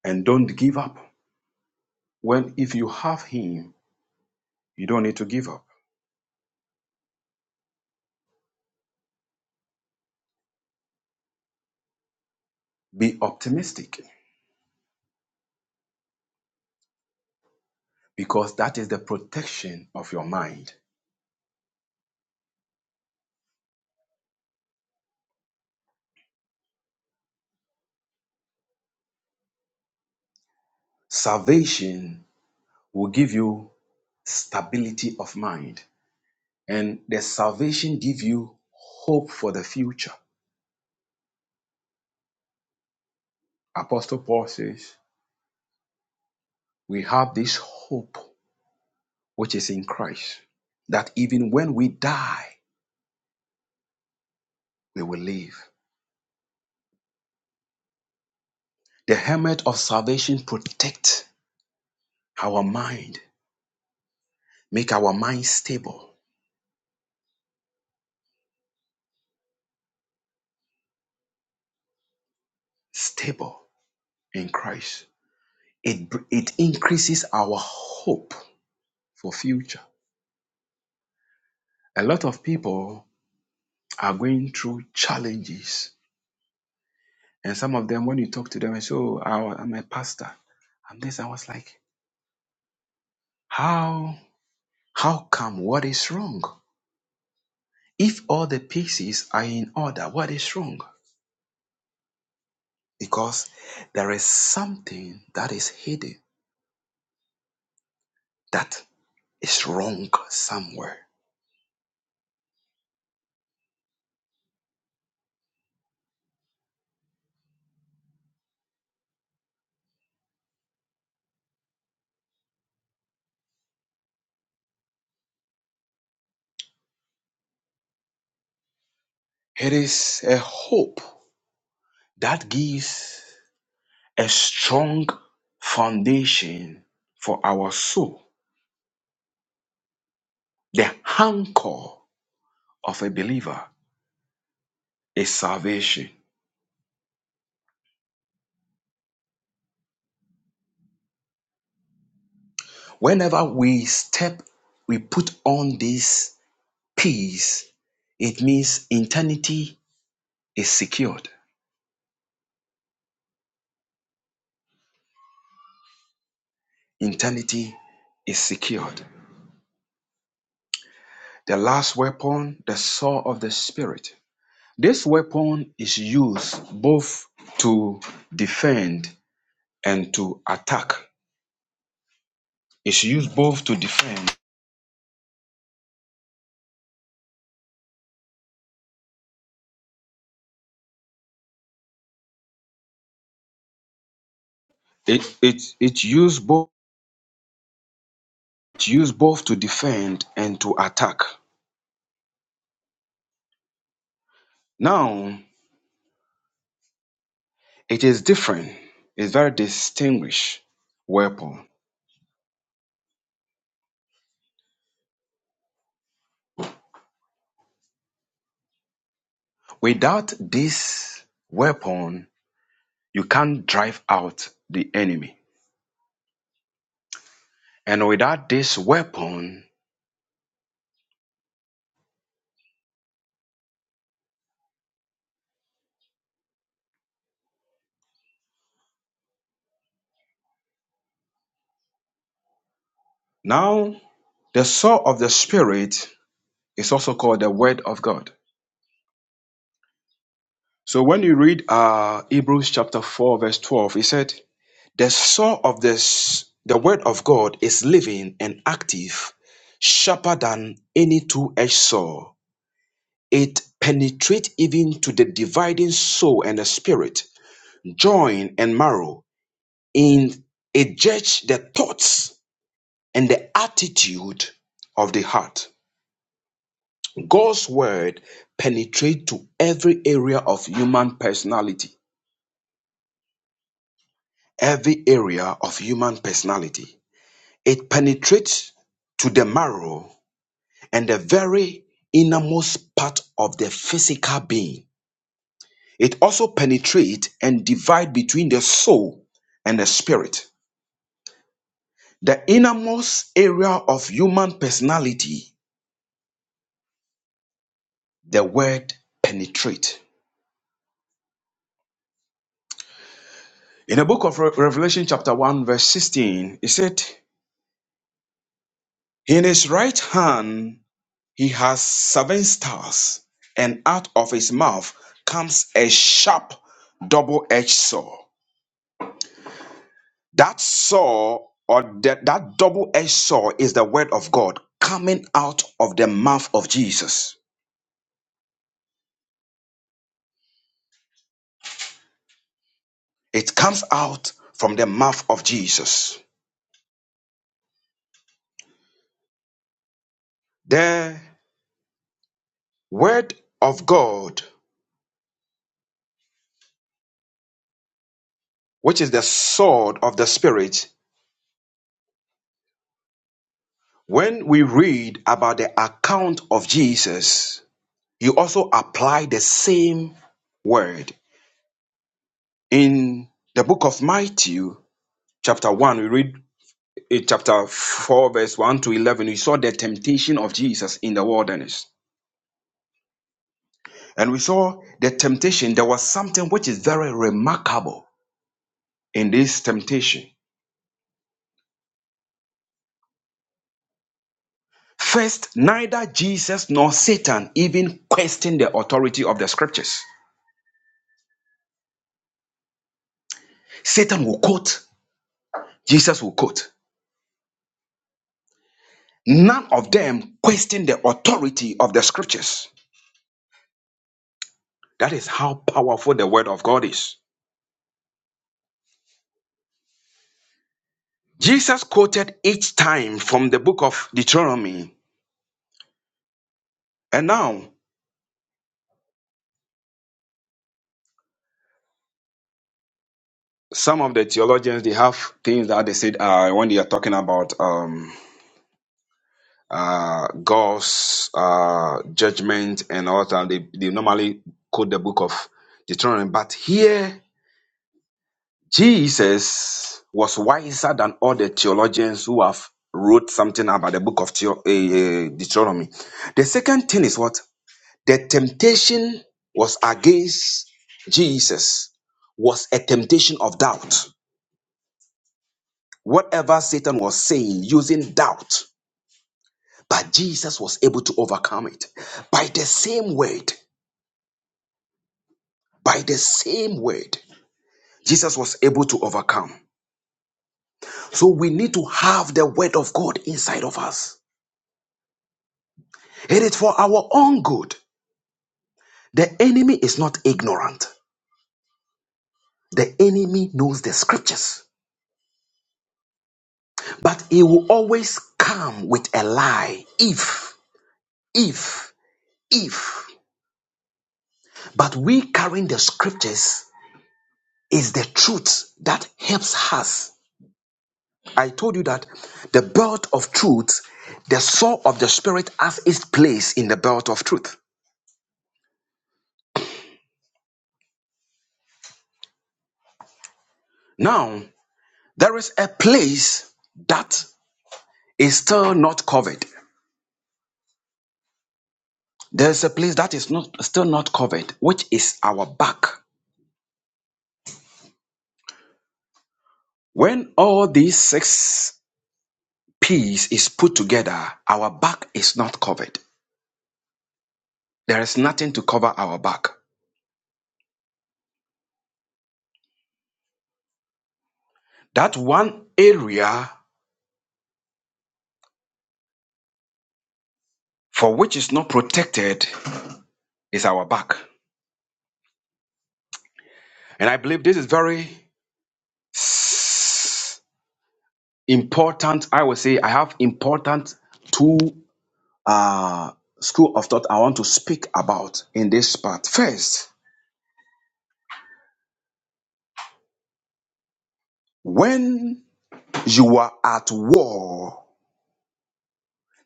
[SPEAKER 3] and don't give up. When if you have him, you don't need to give up. Be optimistic because that is the protection of your mind. Salvation will give you stability of mind, and the salvation give you hope for the future. Apostle Paul says, "We have this hope which is in Christ, that even when we die, we will live." The helmet of salvation protect our mind, make our mind stable, stable in Christ. It, it increases our hope for future. A lot of people are going through challenges. And some of them, when you talk to them, and say, oh, I- I'm a pastor. I'm this. I was like, how, how come? What is wrong? If all the pieces are in order, what is wrong? Because there is something that is hidden that is wrong somewhere. It is a hope that gives a strong foundation for our soul. The anchor of a believer is salvation. Whenever we step, we put on this peace, it means eternity is secured. Eternity is secured. The last weapon, the sword of the spirit. This weapon is used both to defend and to attack. It's used both to defend It it it used both it used both to defend and to attack. Now it is different. It's very distinguished weapon. Without this weapon, you can't drive out the enemy. And without this weapon, now the sword of the spirit is also called the word of God. So when you read uh Hebrews chapter 4, verse 12, it said, The saw of this, the word of God is living and active, sharper than any two-edged saw. It penetrates even to the dividing soul and the spirit, joint and marrow. In it judges the thoughts and the attitude of the heart. God's word penetrates to every area of human personality. Every area of human personality. It penetrates to the marrow and the very innermost part of the physical being. It also penetrates and divides between the soul and the spirit. The innermost area of human personality, the word penetrate. In the book of Re- Revelation, chapter 1, verse 16, it said, In his right hand he has seven stars, and out of his mouth comes a sharp double edged sword. That saw or that, that double edged saw is the word of God coming out of the mouth of Jesus. It comes out from the mouth of Jesus. The word of God, which is the sword of the Spirit, when we read about the account of Jesus, you also apply the same word. In the book of Matthew, chapter 1, we read in chapter 4, verse 1 to 11, we saw the temptation of Jesus in the wilderness. And we saw the temptation, there was something which is very remarkable in this temptation. First, neither Jesus nor Satan even questioned the authority of the scriptures. Satan will quote, Jesus will quote. None of them questioned the authority of the scriptures. That is how powerful the word of God is. Jesus quoted each time from the book of Deuteronomy. And now some of the theologians they have things that they said uh, when they are talking about um, uh, God's uh, judgment and all that. They they normally quote the book of Deuteronomy, but here Jesus was wiser than all the theologians who have wrote something about the book of Theo- eh, eh, Deuteronomy. The second thing is what the temptation was against Jesus was a temptation of doubt Whatever Satan was saying using doubt, but Jesus was able to overcome it by the same word, by the same word. Jesus was able to overcome. So we need to have the word of God inside of us. It is for our own good. The enemy is not ignorant. The enemy knows the scriptures, but he will always come with a lie if, if, if. But we carrying the scriptures is the truth that helps us. I told you that the belt of truth, the sword of the spirit has its place in the belt of truth. Now, there is a place that is still not covered. There is a place that is not still not covered, which is our back. When all these six P's is put together, our back is not covered. There is nothing to cover our back. That one area for which is not protected is our back. And I believe this is very important. I would say I have important two uh, school of thought I want to speak about in this part. First, when you are at war,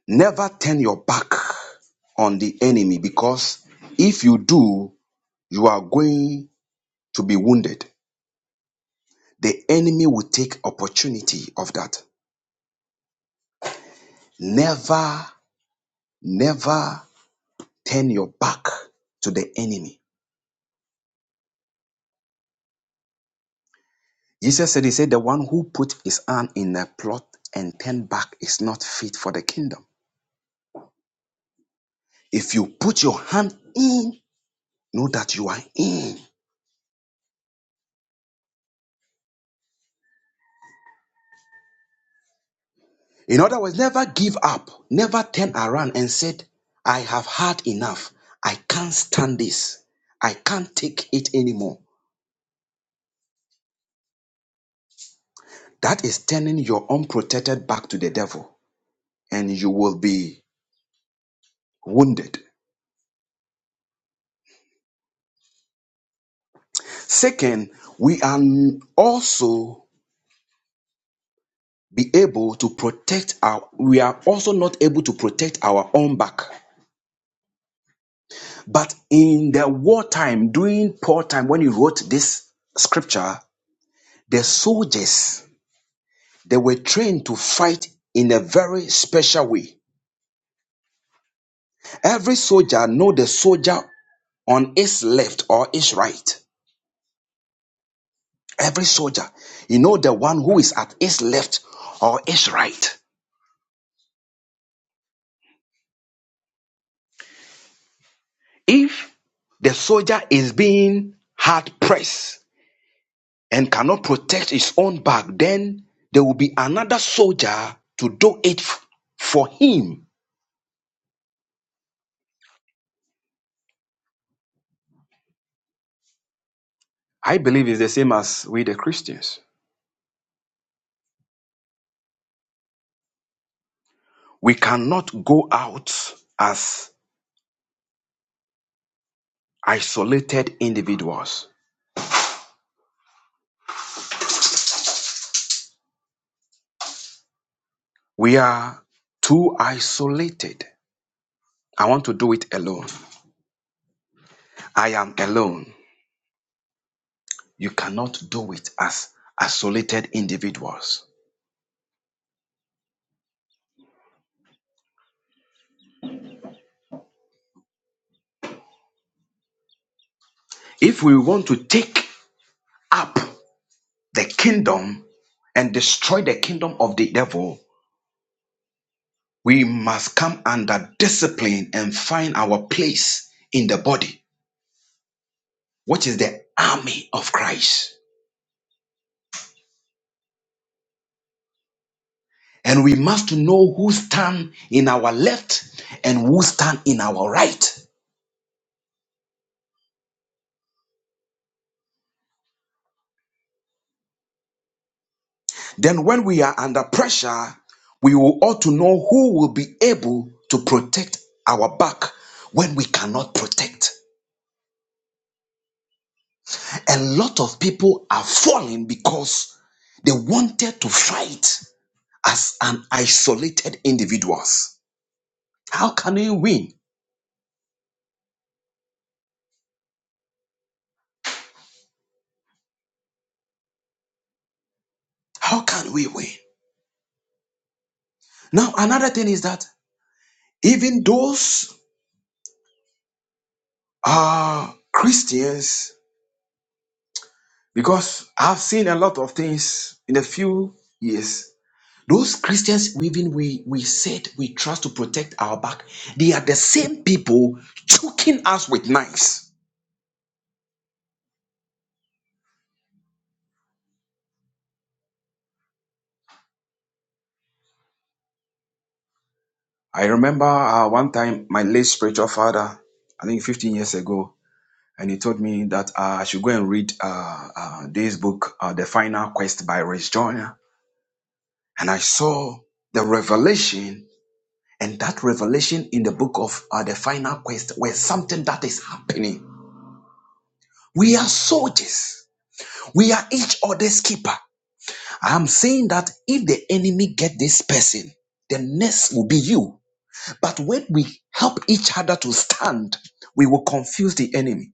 [SPEAKER 3] never turn your back on the enemy because if you do, you are going to be wounded. The enemy will take opportunity of that. Never, never turn your back to the enemy. Jesus said, He said, the one who put his hand in a plot and turn back is not fit for the kingdom. If you put your hand in, know that you are in. In other words, never give up, never turn around and said, I have had enough. I can't stand this. I can't take it anymore. That is turning your unprotected back to the devil, and you will be wounded. Second, we are also be able to protect our we are also not able to protect our own back but in the wartime during paul time when he wrote this scripture the soldiers they were trained to fight in a very special way every soldier know the soldier on his left or his right every soldier you know the one who is at his left or his right if the soldier is being hard pressed and cannot protect his own back, then there will be another soldier to do it for him. I believe it's the same as with the Christians. We cannot go out as isolated individuals. We are too isolated. I want to do it alone. I am alone. You cannot do it as isolated individuals. If we want to take up the kingdom and destroy the kingdom of the devil, We must come under discipline and find our place in the body, which is the army of Christ. And we must know who stand in our left and who stand in our right. Then, when we are under pressure, we will ought to know who will be able to protect our back when we cannot protect. A lot of people are falling because they wanted to fight as an isolated individuals How can we win? How can we win? Now, another thing is that even those are Christians, because I've seen a lot of things in a few years. Those Christians, even we, we said we trust to protect our back, they are the same people choking us with knives. I remember uh, one time my late spiritual father, I think 15 years ago, and he told me that uh, I should go and read uh, uh, this book, uh, The Final Quest by Rich Joyner and I saw the revelation, and that revelation in the book of uh, the final quest where something that is happening. We are soldiers. We are each other's keeper. I'm saying that if the enemy get this person, the next will be you. But when we help each other to stand, we will confuse the enemy.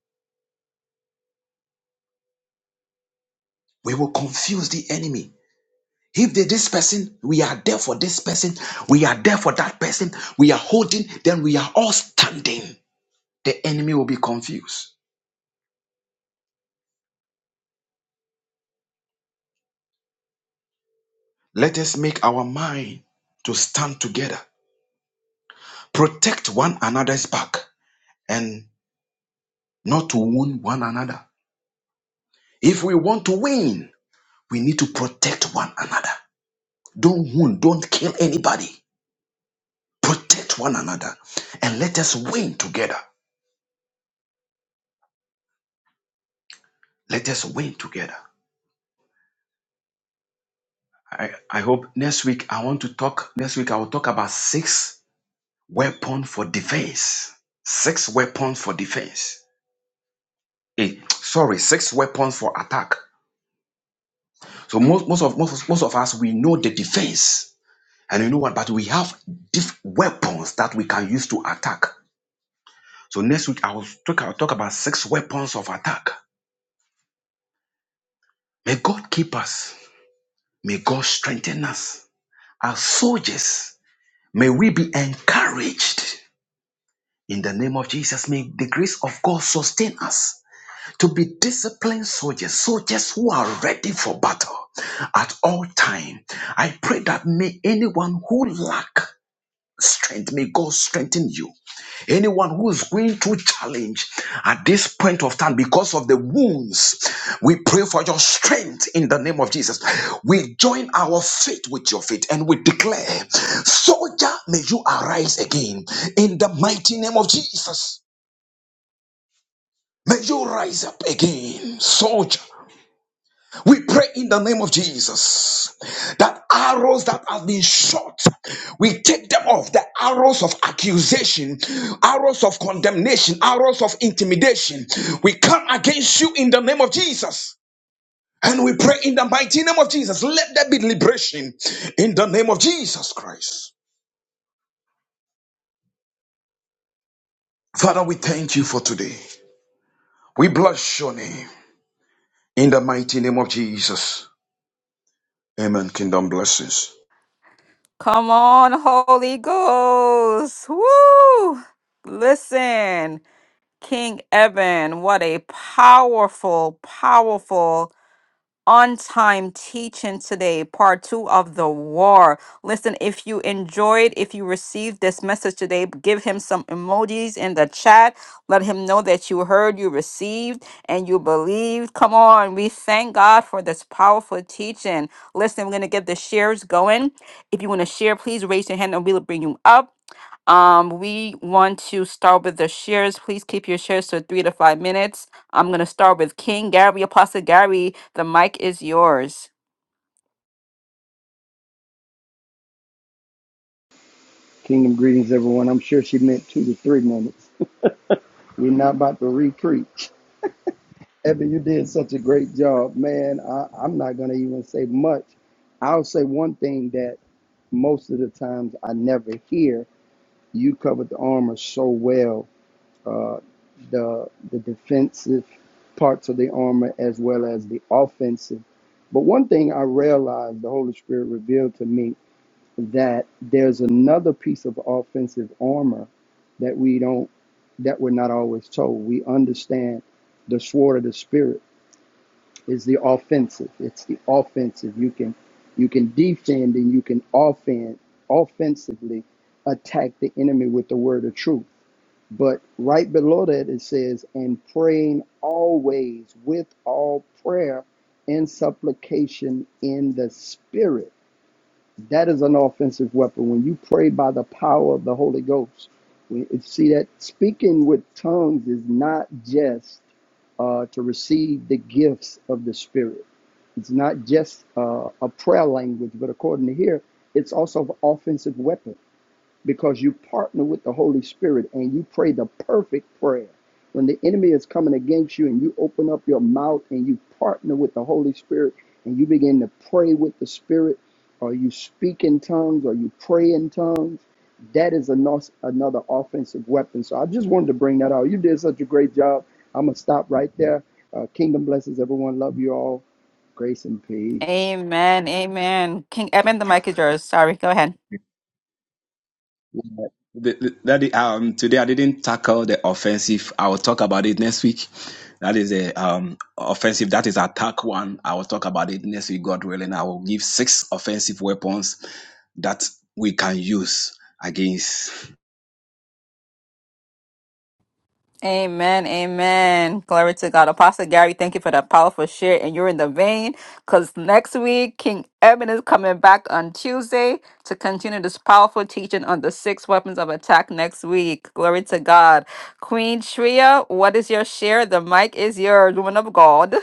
[SPEAKER 3] We will confuse the enemy. If they, this person, we are there for this person, we are there for that person, we are holding, then we are all standing. the enemy will be confused. Let us make our mind to stand together, protect one another's back, and not to wound one another. If we want to win, we need to protect one another. Don't wound, don't kill anybody. Protect one another and let us win together. Let us win together. I, I hope next week I want to talk. Next week I will talk about six weapons for defense. Six weapons for defense eh, sorry, six weapons for attack. So most, most of most, most of us we know the defense, and you know what? But we have diff- weapons that we can use to attack. So next week I will talk, I'll talk about six weapons of attack. May God keep us. May God strengthen us as soldiers. May we be encouraged in the name of Jesus. May the grace of God sustain us. to be disciplined soldiers, soldiers who are ready for battle at all time. I pray that may anyone who lack strength, may God strengthen you. Anyone who is going through challenge at this point of time because of the wounds, we pray for your strength in the name of Jesus. We join our faith with your faith and we declare, soldier, may you arise again in the mighty name of Jesus. May you rise up again, soldier. We pray in the name of Jesus that arrows that have been shot, we take them off. The arrows of accusation, arrows of condemnation, arrows of intimidation. We come against you in the name of Jesus. And we pray in the mighty name of Jesus. Let there be liberation in the name of Jesus Christ. Father, we thank you for today. We bless your name in the mighty name of Jesus. Amen. Kingdom blessings.
[SPEAKER 2] Come on, Holy Ghost. Woo! Listen, King Evan, what a powerful, powerful on time teaching today, part two of the war. Listen, if you enjoyed, if you received this message today, give him some emojis in the chat. Let him know that you heard, you received, and you believed. Come on, we thank God for this powerful teaching. Listen, we're going to get the shares going. If you want to share, please raise your hand and we'll bring you up. Um, we want to start with the shares. Please keep your shares to three to five minutes. I'm going to start with King Gary, Apostle Gary. The mic is yours.
[SPEAKER 1] Kingdom greetings, everyone. I'm sure she meant two to three minutes. We're not about to re-preach. Evan, you did such a great job, man. I, I'm not going to even say much. I'll say one thing that most of the times I never hear. You covered the armor so well, uh, the the defensive parts of the armor as well as the offensive. But one thing I realized the Holy Spirit revealed to me that there's another piece of offensive armor that we don't that we're not always told. We understand the sword of the spirit is the offensive. It's the offensive. You can you can defend and you can offend offensively attack the enemy with the word of truth. But right below that it says, and praying always with all prayer and supplication in the spirit that is an offensive weapon. When you pray by the power of the Holy Ghost, we- it- see that speaking with tongues is not just uh, to receive the gifts of the Spirit. It's not just uh, a prayer language, but according to here, it's also an offensive weapon because you partner with the Holy Spirit and you pray the perfect prayer. When the enemy is coming against you and you open up your mouth and you partner with the Holy Spirit and you begin to pray with the Spirit, or you speak in tongues or you pray in tongues, that is ano- another offensive weapon. So I just wanted to bring that out. You did such a great job. I'm going to stop right there. Uh, kingdom blessings, everyone. Love you all. Grace and peace.
[SPEAKER 2] Amen. Amen. King Eben, the mic is yours. Sorry. Go ahead.
[SPEAKER 3] The- the- that is- um today I didn't tackle the offensive. I will talk about it next week. That is a um offensive. That is attack one. I will talk about it next week, God willing. I will give six offensive weapons that we can use against.
[SPEAKER 2] Amen. Amen. Glory to God. Apostle Gary, thank you for that powerful share. And you're in the vein because next week, King Eben is coming back on Tuesday to continue this powerful teaching on the six weapons of attack next week. Glory to God. Queen Shria, what is your share? The mic is yours. Woman of God.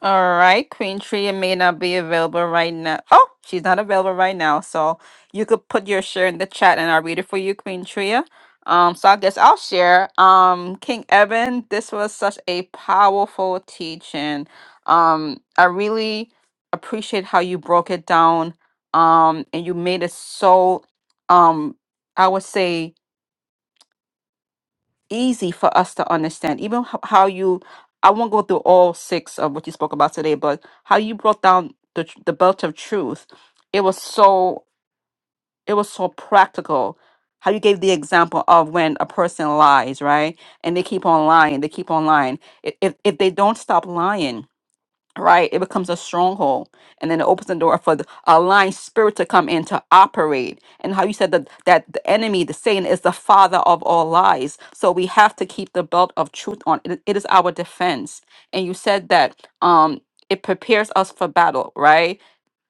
[SPEAKER 2] All right, Queen Tria may not be available right now. Oh, she's not available right now. So you could put your share in the chat and I'll read it for you, Queen Tria. Um, so I guess I'll share. Um, King Evan, this was such a powerful teaching. Um, I really appreciate how you broke it down. Um, and you made it so um, I would say easy for us to understand. Even h- how you, I won't go through all six of what you spoke about today, but how you brought down the tr- the belt of truth. It was so it was so practical. How you gave the example of when a person lies, right? And they keep on lying. They keep on lying. I- If if they don't stop lying, right? It becomes a stronghold, and then it opens the door for the aligned spirit to come in to operate. And how you said that that the enemy, the Satan, is the father of all lies. So we have to keep the belt of truth on. It, it is our defense. And you said that um, it prepares us for battle, right?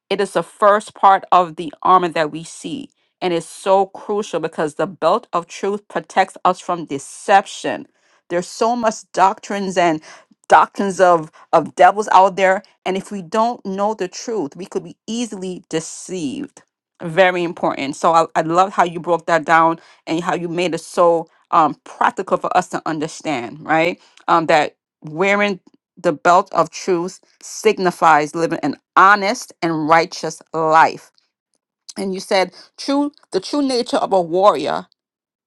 [SPEAKER 2] It is the first part of the armor that we see, and it's so crucial because the belt of truth protects us from deception. There's so much doctrines and doctrines of of devils out there, and if we don't know the truth, we could be easily deceived. Very important. So I, I love how you broke that down and how you made it so um, practical for us to understand, right? Um, that wearing the belt of truth signifies living an honest and righteous life. And you said, true, the true nature of a warrior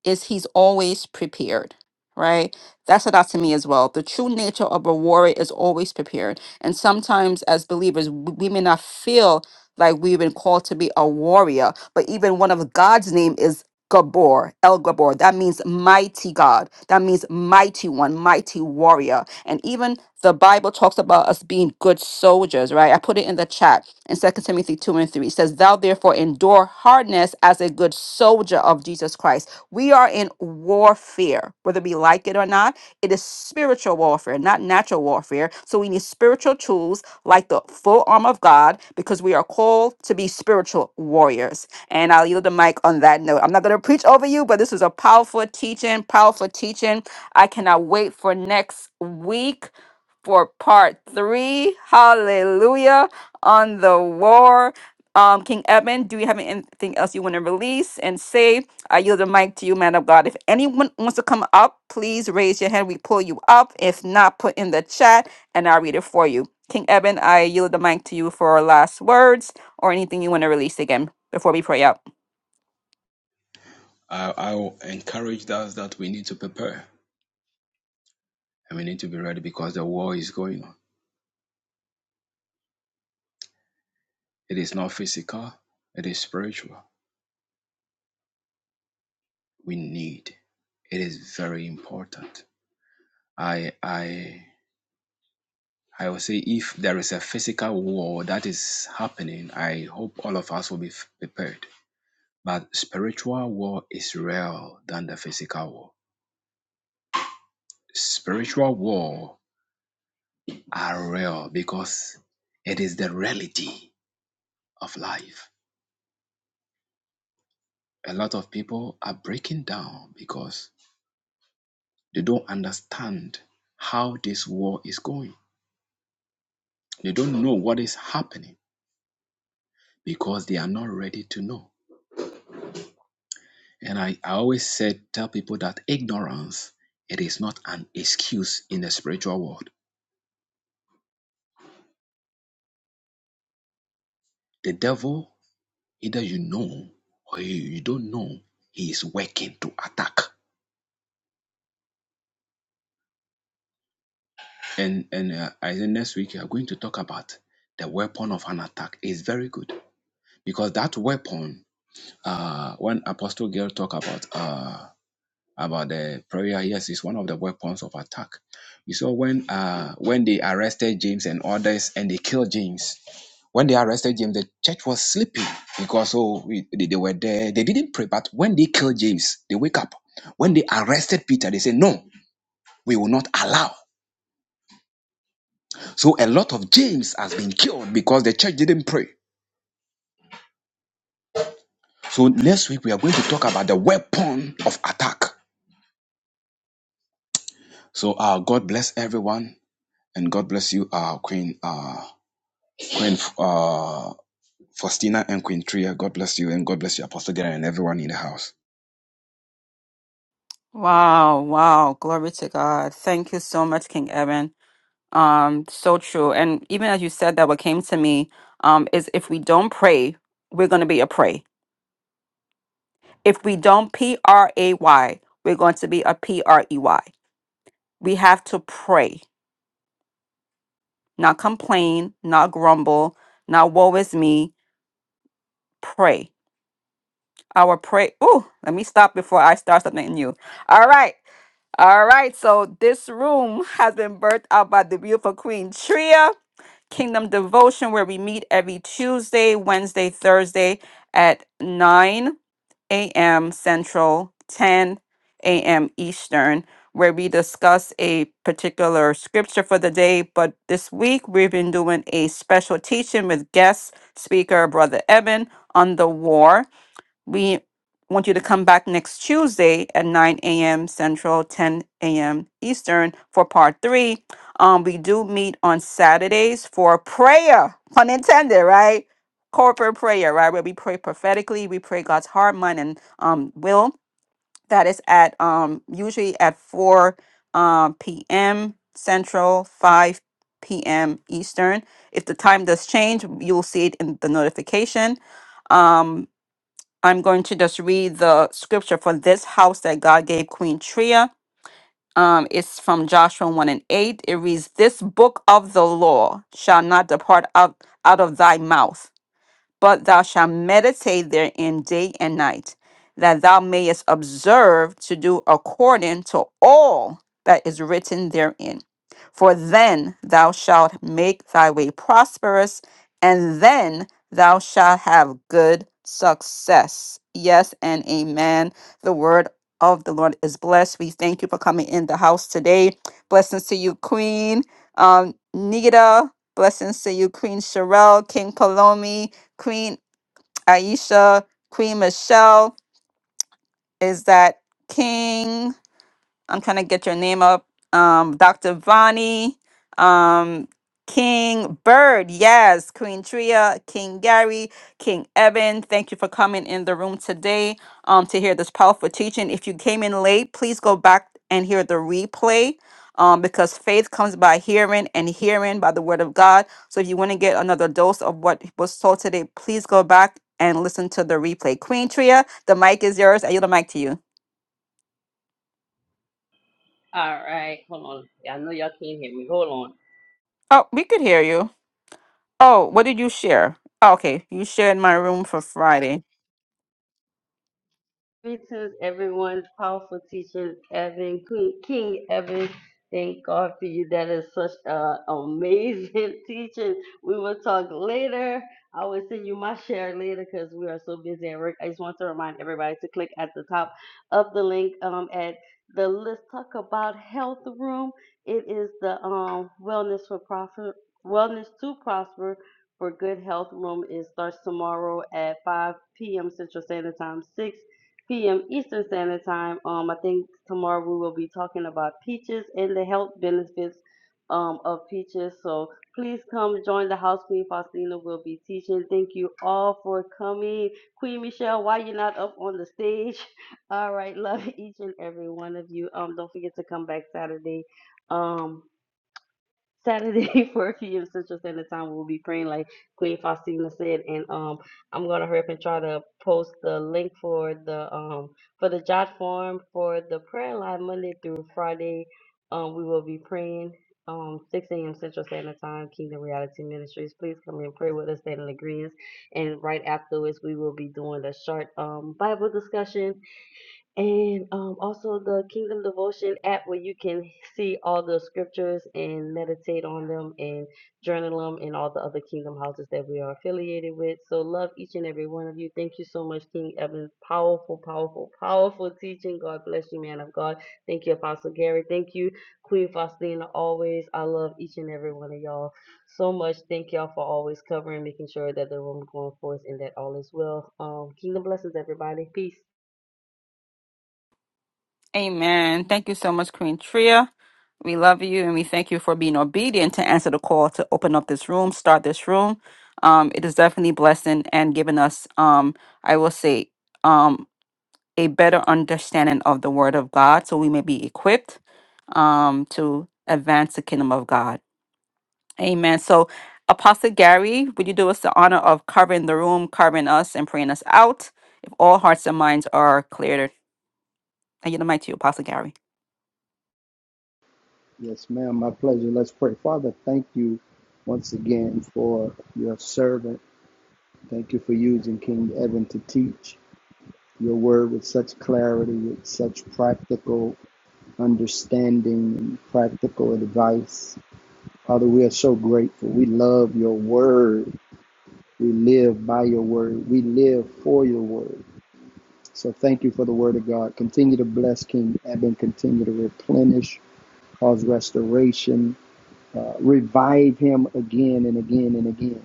[SPEAKER 2] is he's always prepared, right? That's stood out to me as well. The true nature of a warrior is always prepared. And sometimes as believers, w- we may not feel like we've been called to be a warrior, but even one of God's name is Gabor, El Gabor. That means mighty God. That means mighty one, mighty warrior. And even the Bible talks about us being good soldiers, right? I put it in the chat in Second Timothy 2 and 3. It says, Thou therefore endure hardness as a good soldier of Jesus Christ. We are in warfare, whether we like it or not. It is spiritual warfare, not natural warfare. So we need spiritual tools like the full armor of God because we are called to be spiritual warriors. And I'll yield the mic on that note. I'm not going to preach over you, but this was a powerful teaching, powerful teaching. I cannot wait for next week for part three. Hallelujah on the war. Um, King Edmund, do you have anything else you want to release and say I yield the mic to you, man of God. If anyone wants to come up, please raise your hand. We pull you up. If not, put in the chat and I'll read it for you. King Eben, I yield the mic to you for last words or anything you want to release again before we pray out.
[SPEAKER 3] I, I will encourage us that we need to prepare and we need to be ready because the war is going on. It is not physical. It is spiritual. We need. It is very important. I I I will say if there is a physical war that is happening, I hope all of us will be f- prepared. But spiritual war is real than the physical war. Spiritual war are real because it is the reality of life. A lot of people are breaking down because they don't understand how this war is going. They don't know what is happening because they are not ready to know. And I, I always said, tell people that ignorance, it is not an excuse in the spiritual world. The devil, either you know or you, you don't know, he is working to attack. And and uh, I think next week we are going to talk about the weapon of an attack. It's very good because that weapon, uh, when Apostle Girl talk about uh about the prayer, yes, it's one of the weapons of attack. You saw when uh when they arrested James and others and they killed James When they arrested James, the church was sleeping because oh, we- they, they were there. They didn't pray, but when they killed James, they wake up. When they arrested Peter, they say, No, we will not allow. So a lot of James has been killed because the church didn't pray. So next week we are going to talk about the weapon of attack. So uh, God bless everyone and God bless you, uh, Queen uh, Queen uh, Faustina and Queen Tria. God bless you and God bless you, Apostle Gary and everyone in the house.
[SPEAKER 2] Wow, wow. Glory to God. Thank you so much, King Eben. Um, so true. And even as you said that, what came to me um, is if we don't pray, we're going to be a prey. If we don't P R A Y, we're going to be a P R E Y. We have to pray, not complain, not grumble, not woe is me. Pray. Our pray. Ooh, let me stop before I start something new. All right. All right. So this room has been birthed out by the beautiful Queen Tria. Kingdom Devotion, where we meet every Tuesday, Wednesday, Thursday at 9 a.m. Central, 10 a.m. Eastern, where we discuss a particular scripture for the day. But this week, we've been doing a special teaching with guest speaker, Brother Eben, on the war. We want you to come back next Tuesday at 9 a.m. Central, 10 a.m. Eastern for part three. Um, we do meet on Saturdays for prayer, pun intended, right? Corporate prayer, right? Where we pray prophetically, we pray God's heart, mind, and um, will. That is at um, usually at 4 um, p.m. Central, 5 p.m. Eastern. If the time does change, you'll see it in the notification. Um, I'm going to just read the scripture for this house that God gave Queen Tria. Um, it's from Joshua 1 and 8. It reads, This book of the law shall not depart out, out of thy mouth but thou shalt meditate therein day and night, that thou mayest observe to do according to all that is written therein. For then thou shalt make thy way prosperous, and then thou shalt have good success. Yes and amen. The word of the Lord is blessed. We thank you for coming in the house today. Blessings to you, Queen um, Nita. Blessings to you, Queen Sherelle, King Palomi. Queen Aisha, Queen Michelle. Is that King? I'm trying to get your name up. Um, Dr. Vani, um, King Bird, yes, Queen Tria, King Gary, King Evan. Thank you for coming in the room today um, to hear this powerful teaching. If you came in late, please go back and hear the replay. Um, because faith comes by hearing and hearing by the word of God. So if you want to get another dose of what was told today, please go back and listen to the replay. Queen Tria, the mic is yours. I yield the mic to you.
[SPEAKER 4] All right, hold on. I know y'all can't hear me. Hold on.
[SPEAKER 2] Oh, we could hear you. Oh, what did you share? Oh, okay, you shared my room for Friday.
[SPEAKER 4] Greetings, everyone. Powerful teacher Evan, Queen- King Evan. Thank God for you. That is such an amazing [laughs] teaching. We will talk later. I will send you my share later because we are so busy at work. I just want to remind everybody to click at the top of the link um, at the Let's Talk About Health Room. It is the um, Wellness for Profit, Wellness to Prosper for Good Health Room. It starts tomorrow at 5 p.m. Central Standard Time, 6 p.m. Eastern Standard Time. Um, I think tomorrow we will be talking about peaches and the health benefits um, of peaches. So please come join the house. Queen Faustina will be teaching. Thank you all for coming. Queen Michelle, why you not up on the stage? [laughs] All right, love each and every one of you. Um, don't forget to come back Saturday. Um, Saturday, [laughs] 4 p.m. Central Standard Time, we'll be praying like Queen Faustina said, and um, I'm gonna hurry up and try to post the link for the um for the jot form for the prayer line Monday through Friday. Um, we will be praying um 6 a.m. Central Standard Time, Kingdom Reality Ministries. Please come and pray with us, stand in agreement. And right afterwards, we will be doing a short um Bible discussion and um, also the Kingdom Devotion app where you can see all the scriptures and meditate on them and journal them and all the other Kingdom houses that we are affiliated with. So love each and every one of you. Thank you so much, King Evan. Powerful, powerful, powerful teaching. God bless you, man of God. Thank you, Apostle Gary. Thank you, Queen Faustina. Always, I love each and every one of y'all so much. Thank y'all for always covering, making sure that the room is going forth and that all is well. Um, kingdom blessings, everybody. Peace.
[SPEAKER 2] Amen. Thank you so much, Queen Tria. We love you and we thank you for being obedient to answer the call to open up this room, start this room. Um, it is definitely blessing and giving us, um, I will say, um, a better understanding of the Word of God, so we may be equipped um, to advance the kingdom of God. Amen. So, Apostle Gary, would you do us the honor of carving the room, carving us, and praying us out? If all hearts and minds are cleared, I yield the mic to you, Apostle Gary.
[SPEAKER 1] Yes, ma'am. My pleasure. Let's pray. Father, thank you once again for your servant. Thank you for using King Evan to teach your word with such clarity, with such practical understanding and practical advice. Father, we are so grateful. We love your word. We live by your word. We live for your word. So thank you for the word of God. Continue to bless King Eben. Continue to replenish, cause restoration, Uh, revive him again and again and again.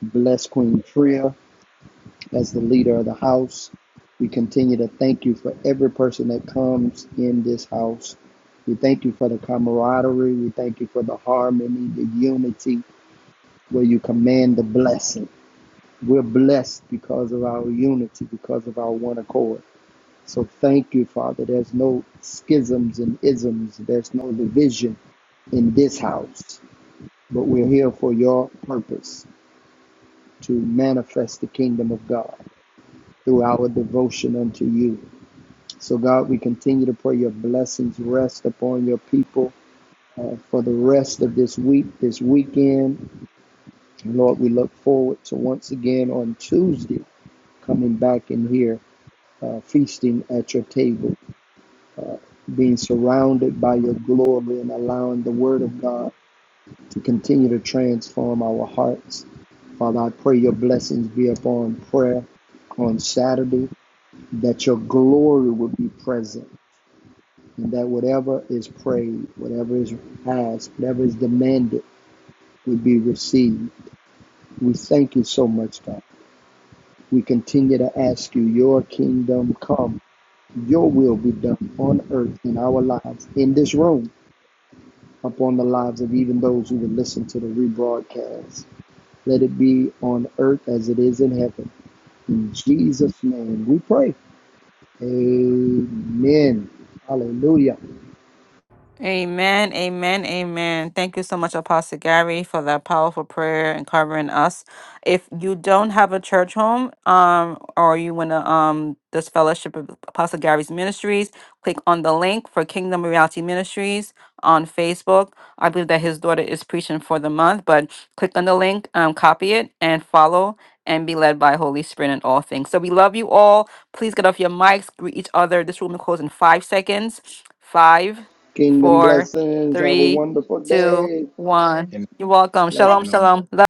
[SPEAKER 1] Bless Queen Tria as the leader of the house. We continue to thank you for every person that comes in this house. We thank you for the camaraderie. Your blessings rest upon your people uh, for the rest of this week, this weekend. Lord, we look forward to once again on Tuesday coming back in here, uh, feasting at your table, being surrounded by your glory and allowing the word of God Continue to transform our hearts. Father, I pray your blessings be upon prayer on Saturday, that your glory would be present, and that whatever is prayed, whatever is asked, whatever is demanded would be received. We thank you so much, God. We continue to ask you, your kingdom come, your will be done on earth in our lives, in this room, upon the lives of even those who would listen to the rebroadcast. Let it be on earth as it is in heaven. In Jesus' name we pray. Amen. Hallelujah.
[SPEAKER 2] Amen, amen, amen. Thank you so much, Apostle Gary, for that powerful prayer and covering us. If you don't have a church home, um, or you want to um this fellowship of Apostle Gary's ministries, click on the link for Kingdom Reality Ministries on Facebook. I believe that his daughter is preaching for the month, but click on the link, um, copy it, and follow and be led by Holy Spirit in all things. So we love you all. Please get off your mics, greet each other. This room will close in five seconds. Five
[SPEAKER 1] Kingdom
[SPEAKER 2] four,
[SPEAKER 1] blessings. Have a
[SPEAKER 2] three,
[SPEAKER 1] wonderful
[SPEAKER 2] two,
[SPEAKER 1] day.
[SPEAKER 2] one.
[SPEAKER 3] Amen.
[SPEAKER 2] You're welcome.
[SPEAKER 1] Bless
[SPEAKER 2] Shalom, shalom. Love